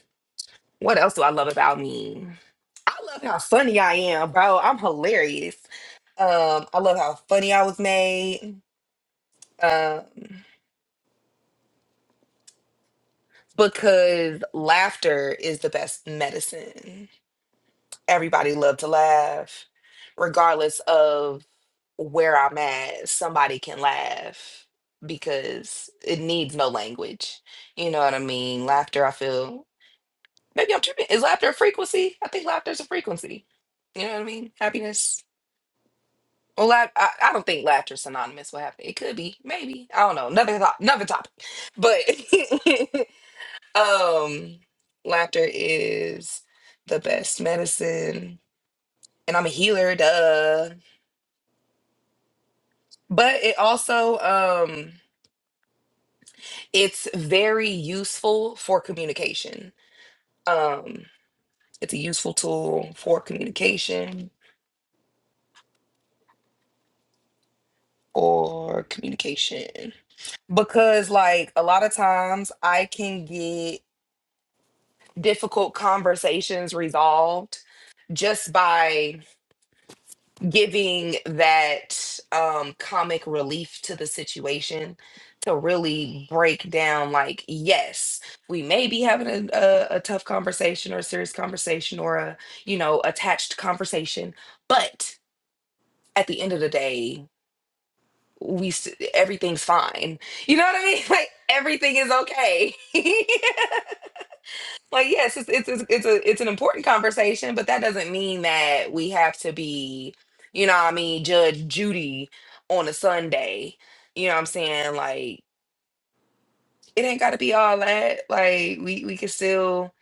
what else do I love about me? I love how funny I am, bro. I'm hilarious. Um, I love how funny I was made. Um, because laughter is the best medicine. everybody love to laugh regardless of where i'm at somebody can laugh because it needs no language you know what i mean laughter i feel maybe i'm tripping is laughter a frequency i think laughter's a frequency you know what i mean happiness well laugh, I, I don't think laughter synonymous with happiness it could be maybe i don't know another, thought, another topic but [LAUGHS] um laughter is the best medicine and I'm a healer, duh. But it also um it's very useful for communication. Um it's a useful tool for communication for communication because like a lot of times I can get difficult conversations resolved just by giving that um comic relief to the situation to really break down like yes we may be having a, a, a tough conversation or a serious conversation or a you know attached conversation but at the end of the day we s- everything's fine you know what i mean [LAUGHS] like everything is okay [LAUGHS] Like yes, it's it's it's it's a it's an important conversation, but that doesn't mean that we have to be, you know, what I mean, Judge Judy on a Sunday. You know what I'm saying? Like it ain't got to be all that. Like we we can still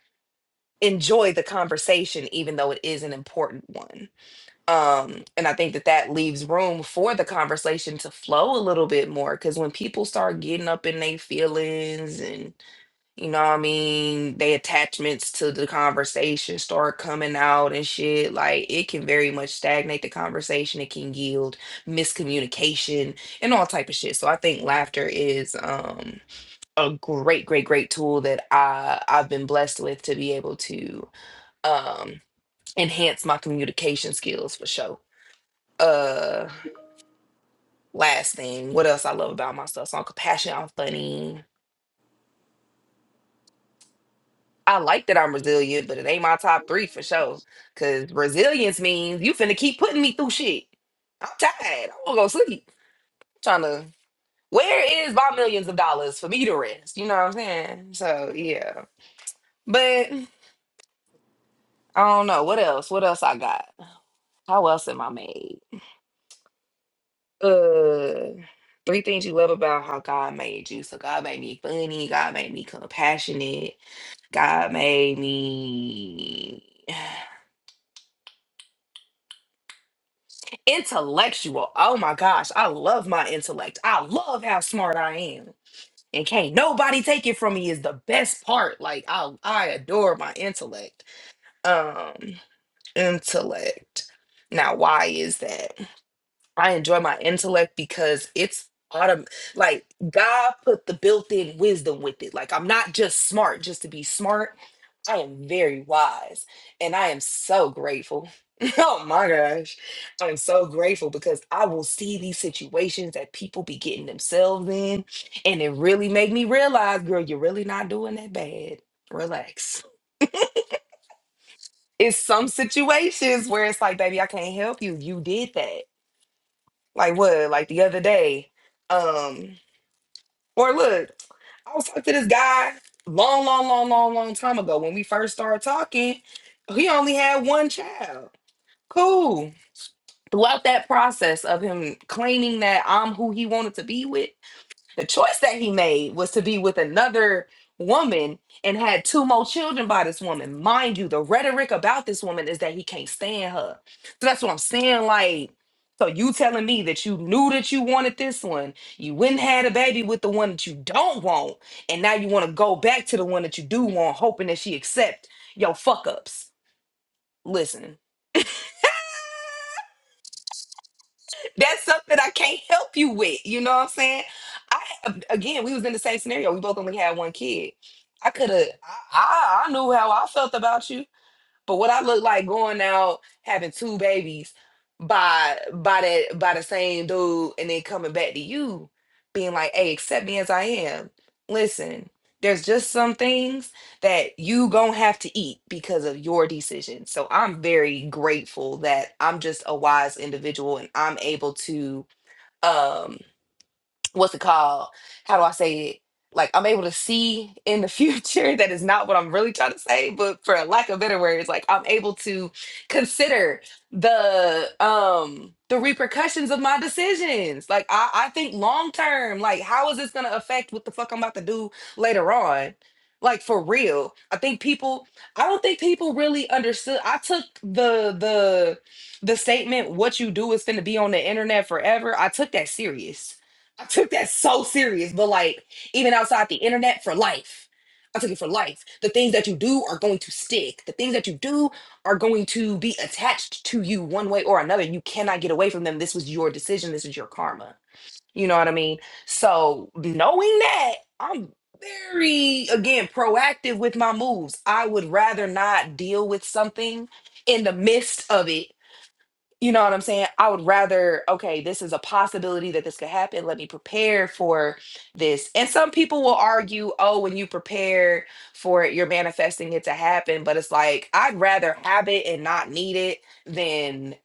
enjoy the conversation, even though it is an important one. Um, and I think that that leaves room for the conversation to flow a little bit more because when people start getting up in their feelings and. You know what I mean? They attachments to the conversation start coming out and shit. Like it can very much stagnate the conversation. It can yield miscommunication and all type of shit. So I think laughter is um a great, great, great tool that I I've been blessed with to be able to um enhance my communication skills for sure. Uh last thing, what else I love about myself? So I'm compassionate, I'm funny. I like that I'm resilient, but it ain't my top three for sure. Cause resilience means you finna keep putting me through shit. I'm tired. I'm gonna go sleep. I'm trying to where is my millions of dollars for me to rest? You know what I'm saying? So yeah. But I don't know. What else? What else I got? How else am I made? Uh three things you love about how God made you. So God made me funny, God made me compassionate, God made me Intellectual. Oh my gosh. I love my intellect. I love how smart I am. And can't nobody take it from me is the best part. Like I I adore my intellect. Um intellect. Now why is that? I enjoy my intellect because it's autumn. Like God put the built-in wisdom with it. Like I'm not just smart just to be smart. I am very wise, and I am so grateful. [LAUGHS] oh my gosh, I am so grateful because I will see these situations that people be getting themselves in, and it really made me realize, girl, you're really not doing that bad. Relax. It's some situations where it's like, baby, I can't help you. You did that like what like the other day um or look i was talking to this guy long long long long long time ago when we first started talking he only had one child cool throughout that process of him claiming that i'm who he wanted to be with the choice that he made was to be with another woman and had two more children by this woman. Mind you, the rhetoric about this woman is that he can't stand her. So that's what I'm saying. Like, so you telling me that you knew that you wanted this one, you went and had a baby with the one that you don't want, and now you want to go back to the one that you do want, hoping that she accept your fuck ups. Listen. that's something I can't help you with. You know what I'm saying? I again, we was in the same scenario. We both only had one kid. I could have. I, I I knew how I felt about you. But what I look like going out having two babies by by that by the same dude and then coming back to you being like, hey, accept me as I am. Listen, there's just some things that you gonna have to eat because of your decision. So I'm very grateful that I'm just a wise individual and I'm able to um what's it called? How do I say it? Like I'm able to see in the future. [LAUGHS] That is not what I'm really trying to say, but for lack of better words, like I'm able to consider the um the repercussions of my decisions. Like I, I think long term, like how is this gonna affect what the fuck I'm about to do later on? Like for real. I think people I don't think people really understood. I took the the the statement what you do is gonna be on the internet forever. I took that serious I took that so serious, but like even outside the internet for life. I took it for life. The things that you do are going to stick. The things that you do are going to be attached to you one way or another. You cannot get away from them. This was your decision. This is your karma. You know what I mean? So, knowing that, I'm very, again, proactive with my moves. I would rather not deal with something in the midst of it you know what I'm saying? I would rather, okay, this is a possibility that this could happen. Let me prepare for this. And some people will argue, oh, when you prepare for it, you're manifesting it to happen. But it's like, I'd rather have it and not need it than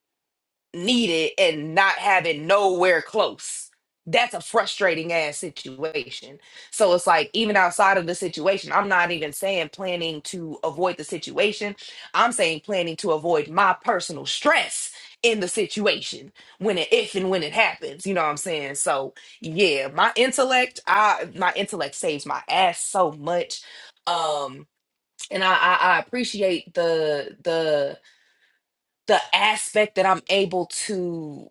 needed and not having nowhere close. That's a frustrating ass situation. So it's like, even outside of the situation, I'm not even saying planning to avoid the situation. I'm saying planning to avoid my personal stress in the situation when it, if and when it happens. You know what I'm saying? So yeah, my intellect, I, my intellect saves my ass so much. Um, and I, I, I appreciate the, the, the aspect that I'm able to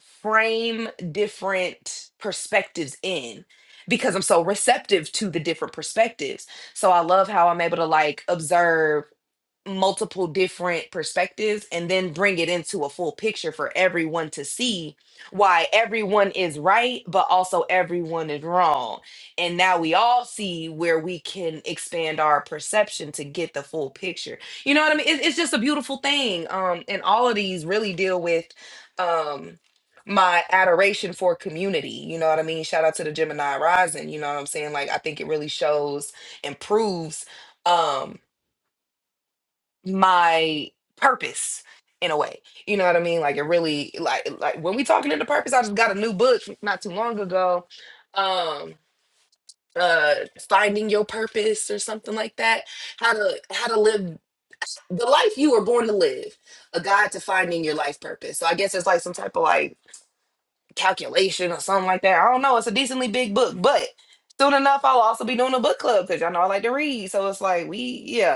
frame different perspectives in because I'm so receptive to the different perspectives. So I love how I'm able to like observe multiple different perspectives and then bring it into a full picture for everyone to see why everyone is right but also everyone is wrong and now we all see where we can expand our perception to get the full picture you know what i mean it, it's just a beautiful thing um and all of these really deal with um my adoration for community you know what i mean shout out to the gemini rising you know what i'm saying like i think it really shows and proves um my purpose in a way. You know what I mean? Like it really like like when we talking into purpose, I just got a new book not too long ago. Um uh finding your purpose or something like that. How to how to live the life you were born to live. A guide to finding your life purpose. So I guess it's like some type of like calculation or something like that. I don't know. It's a decently big book, but soon enough I'll also be doing a book club because y'all know I like to read. So it's like we yeah.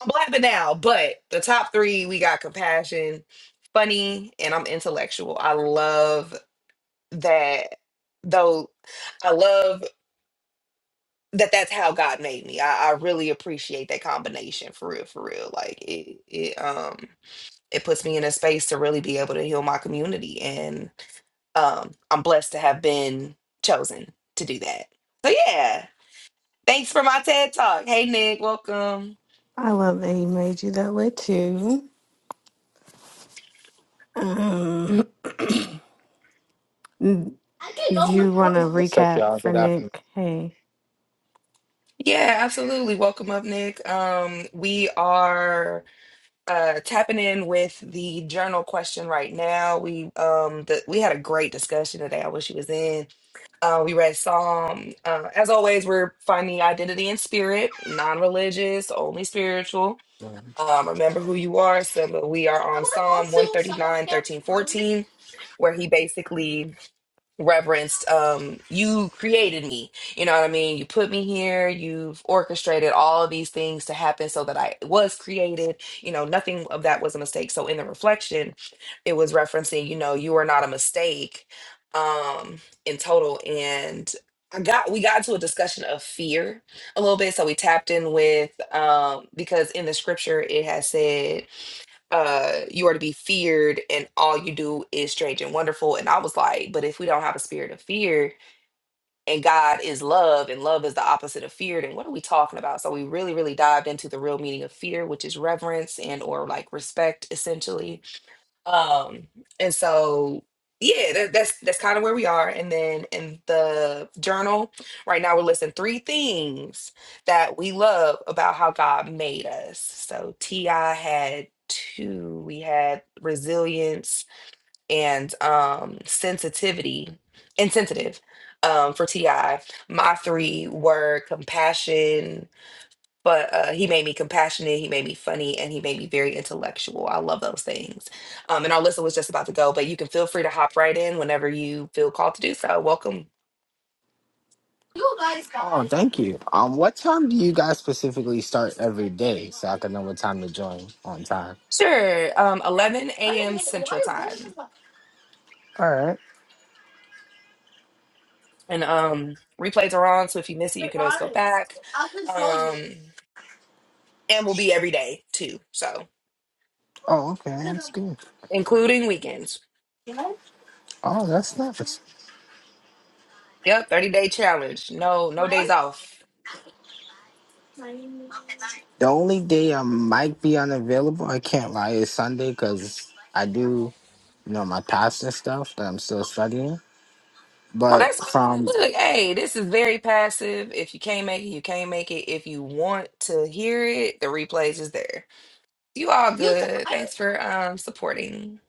I'm blabbing now, but the top three we got compassion, funny, and I'm intellectual. I love that, though. I love that that's how God made me. I, I really appreciate that combination for real, for real. Like it, it, um, it puts me in a space to really be able to heal my community, and um, I'm blessed to have been chosen to do that. So yeah, thanks for my TED talk. Hey Nick, welcome.
I love that he made you that way too. Um, [CLEARS THROAT]
I can
Did
go with
you want
what
to
What's up,
recap
y'all?
for
Good afternoon.
Nick? Hey,
Yeah, absolutely. Welcome up, Nick. Um, we are uh, tapping in with the journal question right now. We um, the, we had a great discussion today. I wish you was in. Uh, we read Psalm. Uh, as always, we're finding identity in spirit, non-religious, only spiritual.
I
Um, remember who you are. So but we are on
want
Psalm
to
one
go to some of the
thirty-nine, thirteen,
campgrounds.
fourteen, where he basically reverenced um you created me you know what i mean you put me here you've orchestrated all of these things to happen so that i was created you know nothing of that was a mistake so in the reflection it was referencing you know you are not a mistake um in total and i got we got to a discussion of fear a little bit so we tapped in with um because in the scripture it has said uh you are to be feared and all you do is strange and wonderful and i was like but if we don't have a spirit of fear and god is love and love is the opposite of fear then what are we talking about so we really really dived into the real meaning of fear which is reverence and or like respect essentially um, and so yeah, that, that's that's kind of where we are. And then in the journal, right now we're listing three things that we love about how God made us. So Ti had two. We had resilience and um sensitivity, insensitive. Um, for Ti, my three were compassion, but uh, he made me compassionate he made me funny and he made me very intellectual i love those things um, and our listen was just about to go but you can feel free to hop right in whenever you feel called to do so welcome
You guys got. Oh, thank you. Um, what time do you guys specifically start every day so I can know what time to join on time?
sure um, 11
Why are you
a.m
making- why are
central
you going to
time
my All right.
and um, replays are on so if you miss it you can always go
water?
back
I'll just show you.
um, and we'll be every day too so
Oh, okay. That's good.
including weekends
You know? Oh, that's nice.
yep 30 day challenge no no days
What?
off
The only day I might be unavailable, I can't lie, is Sunday because I do, you know, my past and stuff that I'm still studying.
Oh,
But
that's fine.
from
Look, hey, this is very passive. If you can't make it, you can't make it. If you want to hear it, the replays is there. You all good. Thanks for um supporting.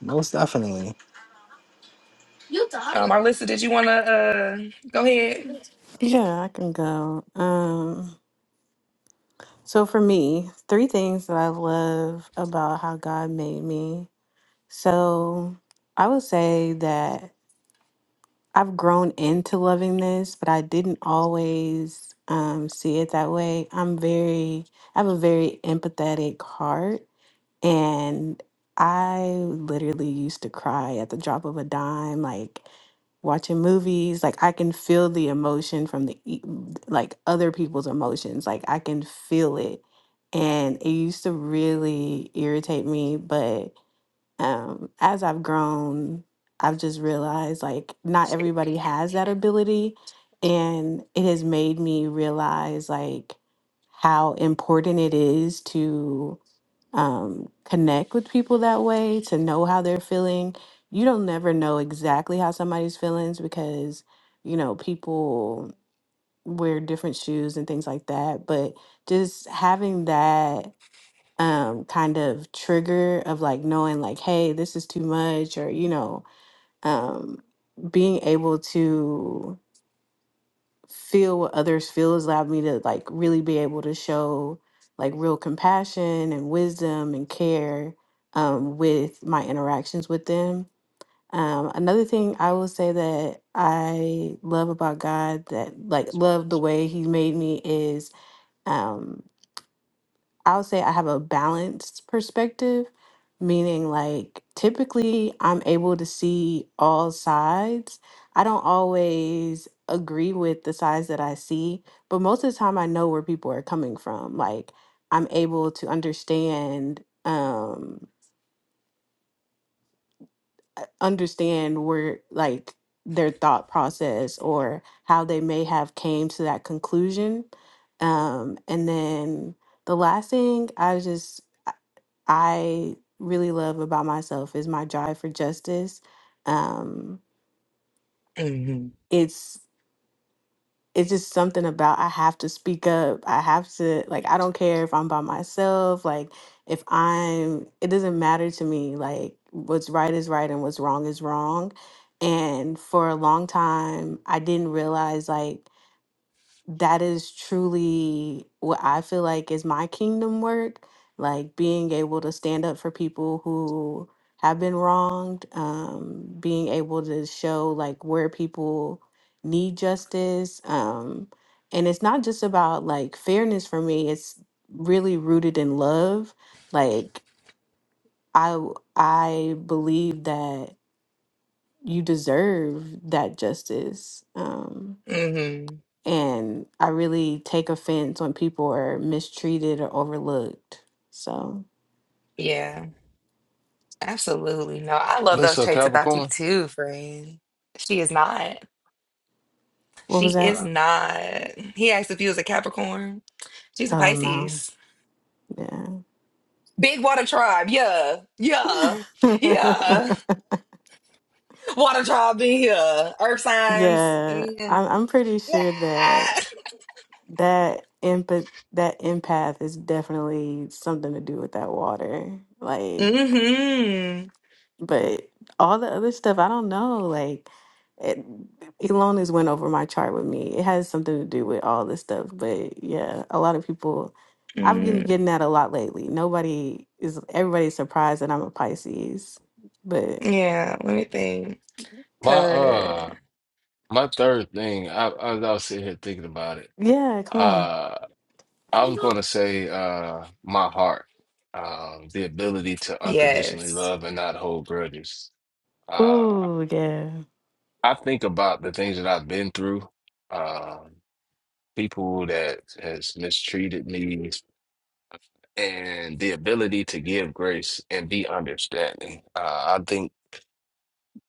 most definitely,
Um, Arlissa, did you want to uh go ahead?
yeah, I can go. Um, so for me, three things that I love about how God made me. So I would say that I've grown into loving this, but I didn't always um, see it that way. I'm very, I have a very empathetic heart. And I literally used to cry at the drop of a dime, like watching movies. Like I can feel the emotion from the e- like other people's emotions. Like I can feel it. And it used to really irritate me. But um, as I've grown, I've just realized like not everybody has that ability. And it has made me realize like how important it is to um, connect with people that way, to know how they're feeling. You don't never know exactly how somebody's feelings because, you know, people wear different shoes and things like that. But just having that um, kind of trigger of like knowing, like, hey, this is too much, or, you know, um, being able to feel what others feel has allowed me to like really be able to show like real compassion and wisdom and care um, with my interactions with them. Um, another thing I will say that I love about God that like love the way He made me is um, I would say I have a balanced perspective, meaning like typically I'm able to see all sides. I don't always agree with the sides that I see, but most of the time I know where people are coming from. Like I'm able to understand um uh, understand where like their thought process or how they may have came to that conclusion. Um and then the last thing I just I really love about myself is my drive for justice. Um,
Mm-hmm.
it's it's just something about I have to speak up. I have to like I don't care if I'm by myself. Like if I'm, it doesn't matter to me. Like what's right is right and what's wrong is wrong. And for a long time, I didn't realize like that is truly what I feel like is my kingdom work, like being able to stand up for people who have been wronged, um, being able to show like where people need justice. Um, and it's not just about like fairness for me, it's really rooted in love. Like I w- I believe that you deserve that justice. Um
Mm-hmm.
and I really take offense when people are mistreated or overlooked. So,
Yeah, absolutely. No, I love those
Listen,
traits about you
Capricorn.
too, friend. She is not.
what
She
was that?
is
Nah.
not. He asked if he was a Capricorn. She's a
Oh no,
Pisces.
yeah,
Big water tribe. Yeah. Yeah. Yeah. [LAUGHS] Water trial in here. Earth
[LAUGHS]
signs.
yeah.
Yeah.
I'm I'm pretty sure that that empath that empath is definitely something to do with that water. Like
mm-hmm.
But all the other stuff, I don't know. Like, it, Elona's went over my chart with me. It has something to do with all this stuff. But yeah, a lot of people, I've been
Mm.
getting that a lot lately. Nobody is, everybody's surprised that I'm a Pisces. But
Yeah, let me think.
My
Cause
uh, my third thing. I, I I was sitting here thinking about it.
yeah, come on.
Uh, I was going to say uh, my heart, um, the ability to unconditionally
yes.
love and not hold grudges. Uh,
Ooh, yeah.
I think about the things that I've been through, um, people that has mistreated me, and the ability to give grace and be understanding. Uh, I think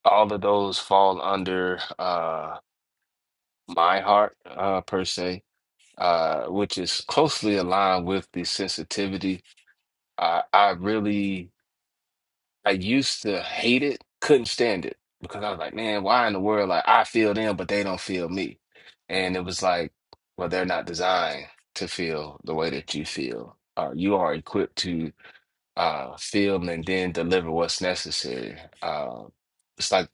all of those fall under. Uh. my heart uh, per se, uh, which is closely aligned with the sensitivity. I I really I used to hate it, couldn't stand it because I was like, man, why in the world like I feel them but they don't feel me, and it was like, well, they're not designed to feel the way that you feel. Uh, you are equipped to uh, feel and then deliver what's necessary. Uh, it's like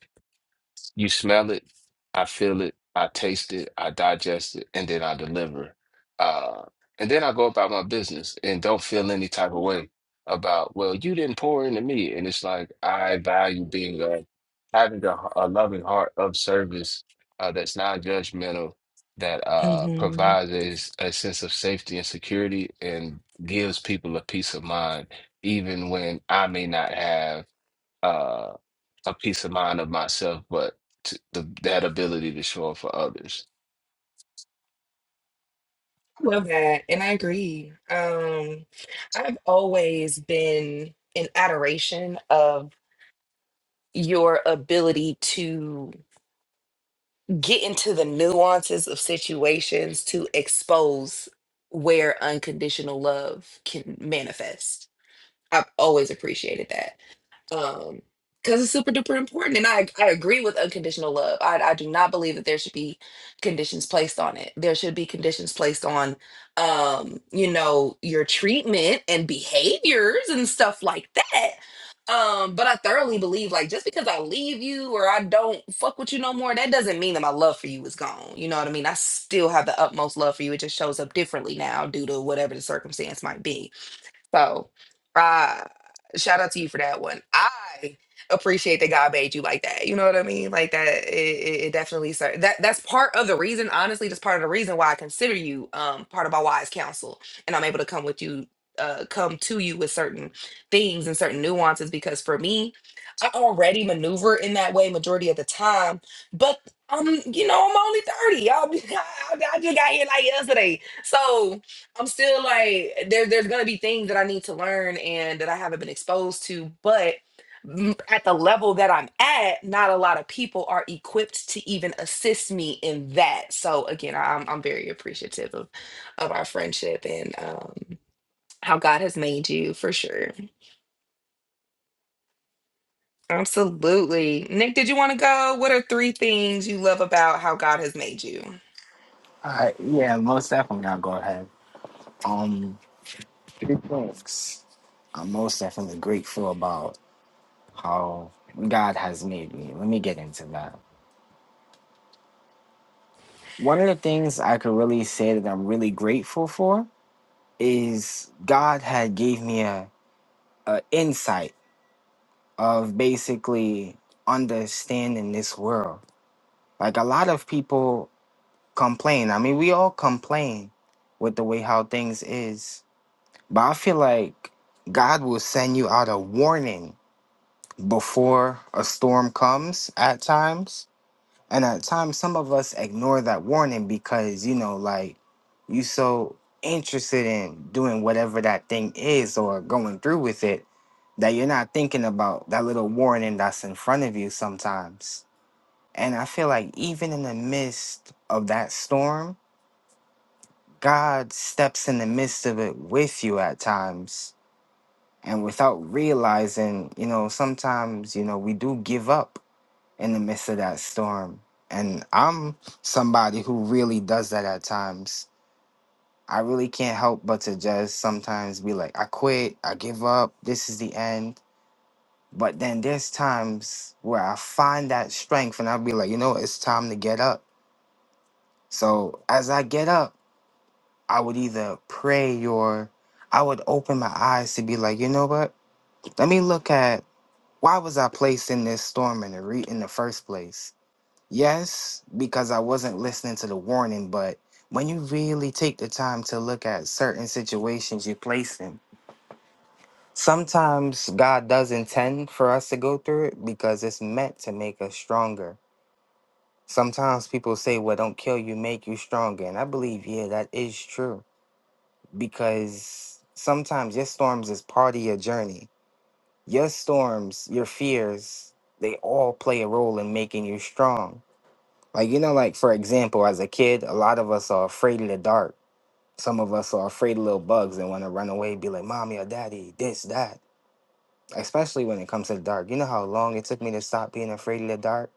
you smell it, I feel it, I taste it, I digest it, and then I deliver. Uh, and then I go about my business and don't feel any type of way about, well, you didn't pour into me. And it's like, I value being a, having a, a loving heart of service uh, that's non-judgmental, that uh,
hmm
provides a, s- a sense of safety and security and gives people a peace of mind, even when I may not have uh, a peace of mind of myself, but to, the, that ability to show up for others.
I love that. And I agree. Um, I've always been in adoration of your ability to get into the nuances of situations to expose where unconditional love can manifest I've always appreciated that. Um, because it's super duper important. And I I agree with unconditional love. I I do not believe that there should be conditions placed on it. There should be conditions placed on um, you know, your treatment and behaviors and stuff like that. Um, but I thoroughly believe like just because I leave you or I don't fuck with you no more, that doesn't mean that my love for you is gone. You know what I mean? I still have the utmost love for you. It just shows up differently now due to whatever the circumstance might be so, uh, shout out to you for that one. I appreciate that God made you like that. You know what I mean? Like that, it, it it definitely sir. That that's part of the reason. Honestly, that's part of the reason why I consider you um part of my wise counsel, and I'm able to come with you, uh, come to you with certain things and certain nuances. Because for me, I already maneuver in that way majority of the time, but. Um, you know, I'm only 30. Y'all, [LAUGHS] I, I just got here like yesterday. So I'm still like there. There's gonna be things that I need to learn and that I haven't been exposed to, but m- at the level that I'm at, not a lot of people are equipped to even assist me in that. So again, I- I'm I'm very appreciative of of our friendship and um, how God has made you for sure. Absolutely, Nick. Did you want to go? What are three things you love about how God has made you?
I yeah, most definitely, I'll go ahead. Um, three things I'm most definitely grateful about how God has made me. Let me get into that. One of the things I could really say that I'm really grateful for is God had gave me a, a insight of basically understanding this world. Like a lot of people complain. I mean, we all complain with the way how things is. But I feel like God will send you out a warning before a storm comes at times. And at times some of us ignore that warning because, you know, like you so interested in doing whatever that thing is or going through with it that you're not thinking about that little warning that's in front of you sometimes. And I feel like even in the midst of that storm, God steps in the midst of it with you at times. And without realizing, you know, sometimes, you know, we do give up in the midst of that storm. And I'm somebody who really does that at times. I really can't help but to just sometimes be like, I quit, I give up, this is the end. But then there's times where I find that strength and I'll be like, you know, it's time to get up. So as I get up, I would either pray or I would open my eyes to be like, you know what? Let me look at why was I placed in this storm in the re- in the first place? Yes, because I wasn't listening to the warning, but when you really take the time to look at certain situations you place in, sometimes God does intend for us to go through it because it's meant to make us stronger. Sometimes people say, well, don't kill you, make you stronger. And I believe, yeah, that is true because sometimes your storms is part of your journey. Your storms, your fears, they all play a role in making you strong. Like, you know, like for example, as a kid, a lot of us are afraid of the dark. Some of us are afraid of little bugs and want to run away, be like, mommy or daddy, this, that. Especially when it comes to the dark. You know how long it took me to stop being afraid of the dark?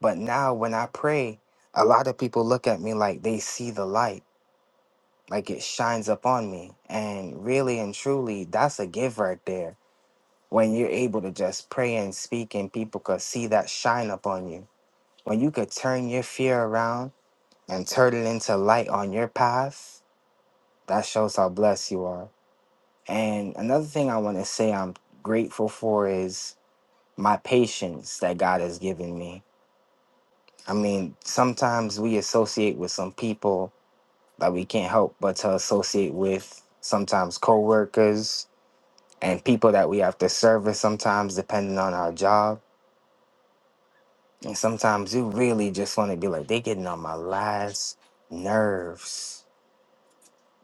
But now when I pray, a lot of people look at me like they see the light like it shines up on me and really and truly that's a give right there when you're able to just pray and speak and people could see that shine up on you when you could turn your fear around and turn it into light on your path that shows how blessed you are and another thing i want to say i'm grateful for is my patience that god has given me i mean sometimes we associate with some people that we can't help but to associate with sometimes coworkers and people that we have to service sometimes depending on our job. And sometimes you really just want to be like, they getting on my last nerves.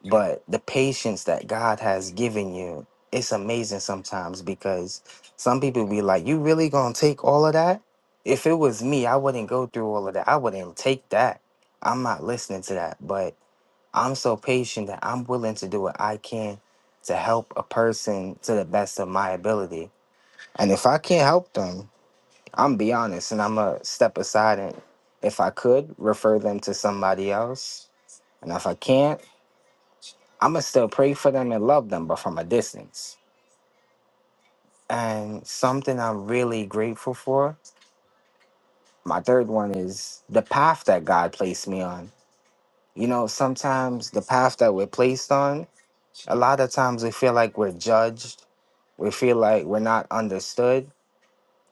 But the patience that God has given you, it's amazing sometimes because some people be like, you really gonna take all of that? If it was me, I wouldn't go through all of that. I wouldn't take that. I'm not listening to that. But I'm so patient that I'm willing to do what I can to help a person to the best of my ability And if I can't help them, I'm be honest and I'm going to step aside and if I could refer them to somebody else. And if I can't, I'm going to still pray for them and love them, but from a distance. And something I'm really grateful for, my third one is the path that God placed me on. You know, sometimes the path that we're placed on, a lot of times we feel like we're judged. We feel like we're not understood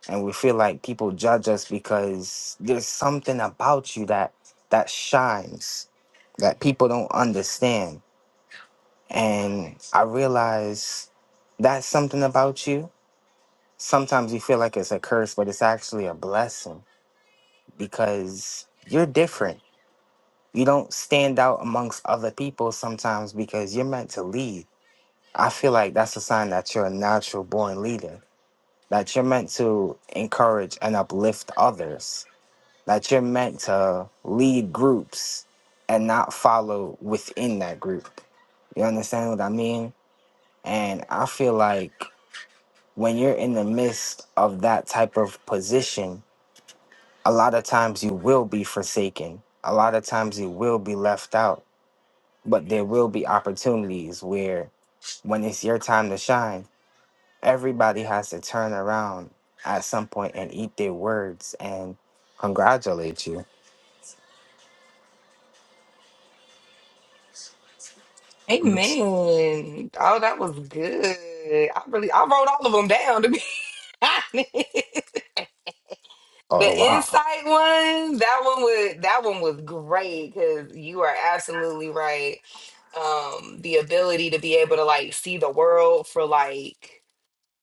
and we feel like people judge us because there's something about you that that shines that people don't understand and i realize that's something about you sometimes you feel like it's a curse but it's actually a blessing because you're different you don't stand out amongst other people sometimes because you're meant to lead i feel like that's a sign that you're a natural born leader that you're meant to encourage and uplift others that you're meant to lead groups and not follow within that group. You understand what I mean? And I feel like when you're in the midst of that type of position, a lot of times you will be forsaken. A lot of times you will be left out, but there will be opportunities where when it's your time to shine, everybody has to turn around at some point and eat their words and congratulate you. It's-
Amen. Oh, that was good. I really, I wrote all of them down to be [LAUGHS] honest.
Oh
The
wow.
insight one, that one was that one was great because you are absolutely right. Um, the ability to be able to like see the world for like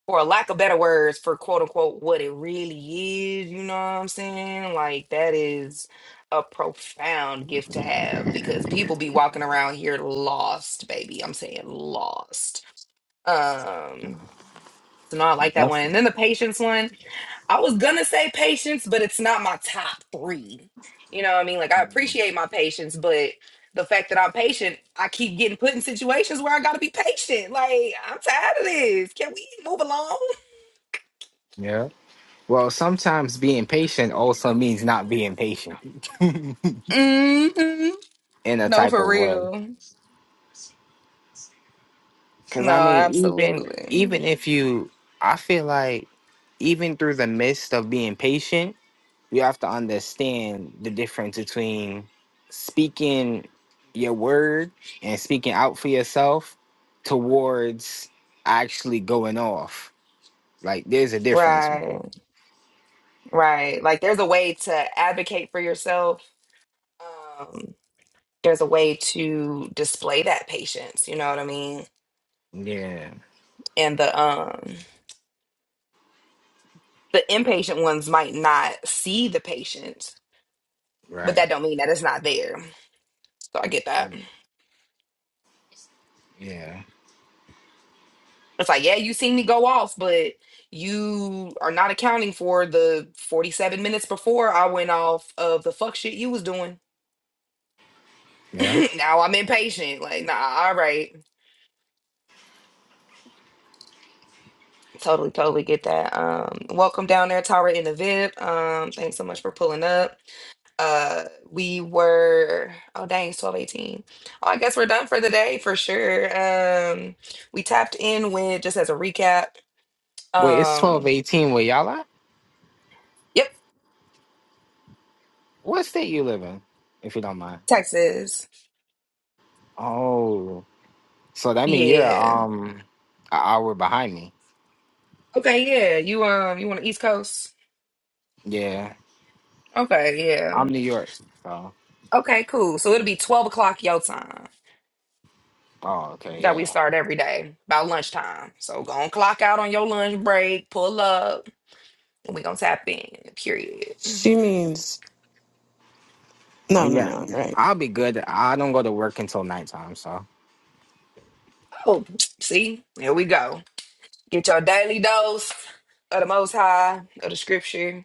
for lack of better words, for quote unquote what it really is, you know what I'm saying? Like that is a profound gift to have because people be walking around here lost, baby. I'm saying lost. Um so no, I like that one.
That's-
And then the patience one. I was gonna say patience, but it's not my top three. You know what I mean? Like I appreciate my patience, but the fact that I'm patient, I keep getting put in situations where I gotta be patient. Like, I'm tired of this. Can we move along?
yeah. Well, sometimes being patient also means not being patient
hmm
in a
No,
type
for
of way.
real.
Because
No,
I mean, even
absolutely.
even if you, I feel like even through the midst of being patient, you have to understand the difference between speaking your word and speaking out for yourself towards actually going off. Like, there's a difference with
Right,
it.
right. Like there's a way to advocate for yourself. Um, there's a way to display that patience, you know what I mean?
Yeah.
And the um the impatient ones might not see the patience, but
Right.
that don't mean that it's not there. So I get that.
Mm, Yeah.
It's like, yeah, you seen me go off, but you are not accounting for the 47 minutes before I went off of the fuck shit you was doing.
Yeah.
[LAUGHS] now I'm impatient. Like, nah, all right. Totally, totally get that. Um, welcome down there, Tara in the VIP. Um, thanks so much for pulling up. Uh we were oh dang, it's 1218. Oh, I guess we're done for the day for sure. Um, we tapped in with just as a recap.
Wait, it's twelve
Um,
eighteen. Where y'all at?
yep,
What state you live in? If you don't mind.
Texas.
Oh, so that means you're
Yeah.
um an hour behind me.
Okay, yeah. You um you want the East Coast?
Yeah,
Okay,
I'm
yeah.
New York. So,
Okay, cool. So it'll be 12 o'clock your time.
oh, okay,
that we
yeah.
start every day by lunchtime. So go on clock out on your lunch break, pull up, and we gonna tap in. Period.
She means
Oh
no, no,
yeah,
no. Right?
I'll be good. I don't go to work until nighttime. So
Oh, see, here we go. Get your daily dose of the Most High of the Scripture,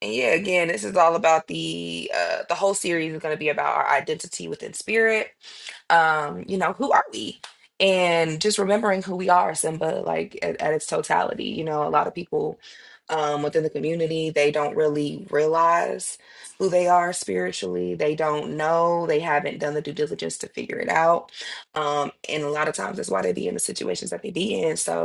and yeah, again, this is all about the uh, the whole series is gonna be about our identity within spirit um, you know, who are we? And just remembering who we are, Simba, like at, at its totality. You know, a lot of people um, within the community, they don't really realize who they are spiritually. They don't know. They haven't done the due diligence to figure it out. Um, and a lot of times that's why they be in the situations that they be in. So,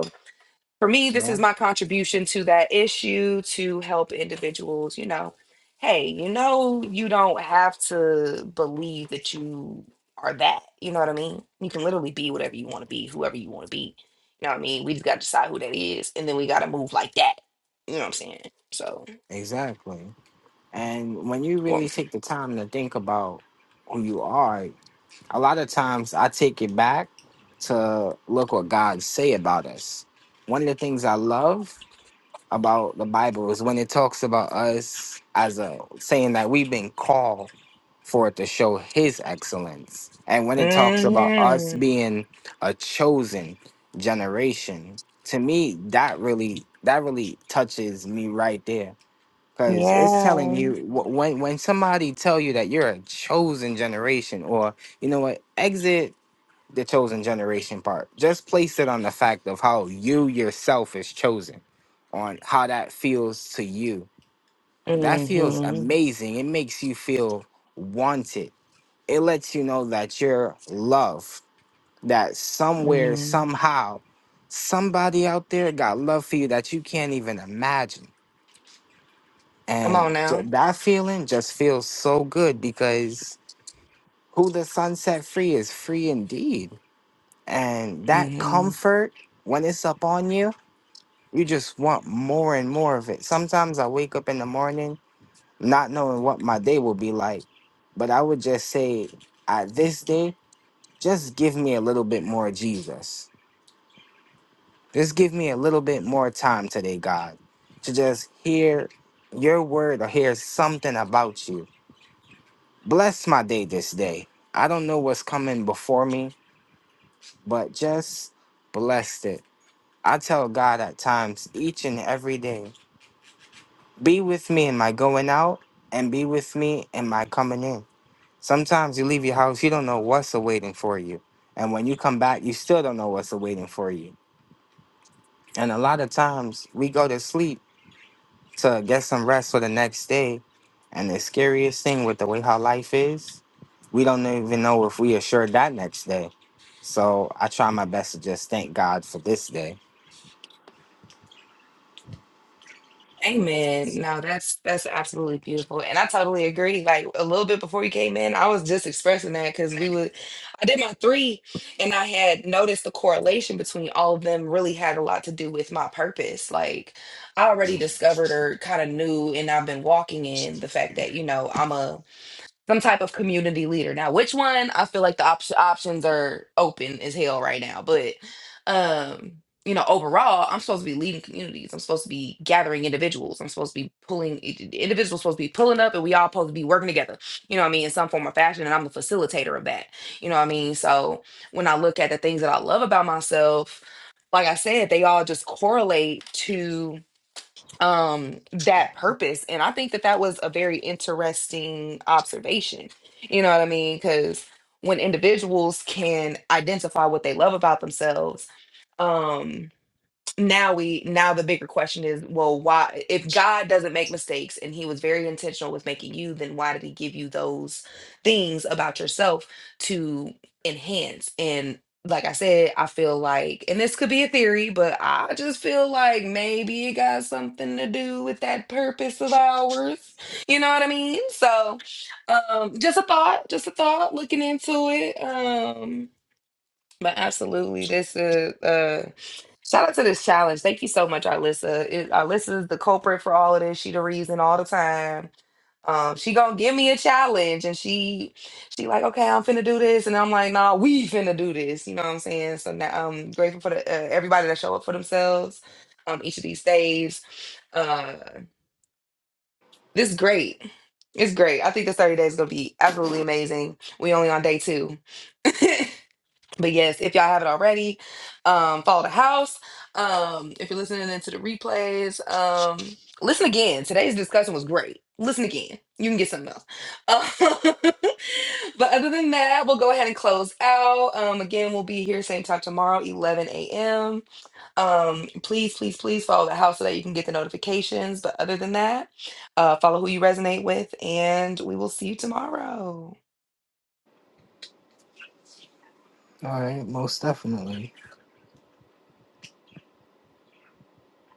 for me, this is
no,
my contribution to that issue to help individuals, you know, hey, you know, you don't have to believe that you are that. You know what I mean? You can literally be whatever you want to be, whoever you want to be. You know what I mean? We just got to decide who that is. And then we got to move like that. You know what I'm saying? So,
exactly. And when you
well,
really take the time to think about who you are, a lot of times I take it back to look what God say about us. One of the things I love about the Bible is when it talks about us as a saying that we've been called for it to show his excellence. And when it talks about us
hmm
being a chosen generation, to me that really that really touches me right there cuz it's telling
yeah.
you wh- when when somebody tell you that you're a chosen generation or you know what exit the chosen generation part. Just place it on the fact of how you yourself is chosen, on how that feels to you. That feels
hmm
amazing. It makes you feel wanted. It lets you know that you're loved, that somewhere,
hmm
somehow, somebody out there got love for you that you can't even imagine.
Come
And
on
ju-
now.
that feeling just feels so good because who the sun set free is free indeed And that
Mm-hmm.
comfort, when it's up on you, you just want more and more of it. Sometimes I wake up in the morning not knowing what my day will be like, but I would just say, at this day, just give me a little bit more Jesus. Just give me a little bit more time today, God, to just hear your word or hear something about you. Bless my day this day. I don't know what's coming before me, but just blessed it. I tell God at times, each and every day, be with me in my going out and be with me in my coming in. Sometimes you leave your house, you don't know what's awaiting for you. And when you come back, you still don't know what's awaiting for you. And a lot of times we go to sleep to get some rest for the next day. And the scariest thing with the way how life is, we don't even know if we assured that next day. So I try my best to just thank God for this day.
Amen. No, that's that's absolutely beautiful. And I totally agree. Like a little bit before you came in, I was just expressing that because we would I did my three and I had noticed the correlation between all of them really had a lot to do with my purpose. Like I already discovered or kind of knew and I've been walking in the fact that, you know, I'm a some type of community leader. Now, which one? I feel like the op- options are open as hell right now. But um, you know, overall, I'm supposed to be leading communities. I'm supposed to be gathering individuals. I'm supposed to be pulling i- i- individuals supposed to be pulling up, and we all supposed to be working together. You know what I mean? In some form or fashion, and I'm the facilitator of that. You know what I mean? So when I look at the things that I love about myself, like I said, they all just correlate to um that purpose and i think that that was a very interesting observation you know what i mean because when individuals can identify what they love about themselves um now we now the bigger question is well why if god doesn't make mistakes and he was very intentional with making you then why did he give you those things about yourself to enhance and like i said i feel like and this could be a theory but i just feel like maybe it got something to do with that purpose of ours you know what i mean so um just a thought just a thought looking into it Um but absolutely, this is uh, shout out to this challenge. Thank you so much, Arlissa. It, Arlissa is the culprit for all of this. She the reason all the time. Um, she gonna give me a challenge, and she she like, okay, I'm finna do this, and I'm like, nah, we finna do this. You know what I'm saying? So now I'm grateful for the uh, everybody that show up for themselves. Um, each of these days, uh, this is great. It's great. I think this 30 days is gonna be absolutely amazing. We only on day two But yes, if y'all haven't already, um, follow the house. Um, if you're listening into the replays, um, listen again. Today's discussion was great. Listen again. You can get something else. Uh, [LAUGHS] but other than that, we'll go ahead and close out. Um, again, we'll be here same time tomorrow, 11 a.m. Um, please, please, please follow the house so that you can get the notifications. But other than that, uh, follow who you resonate with, and we will see you tomorrow.
All right, most definitely.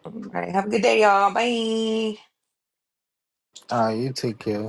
All right. Have a good day, y'all. Bye.
Uh, you take care.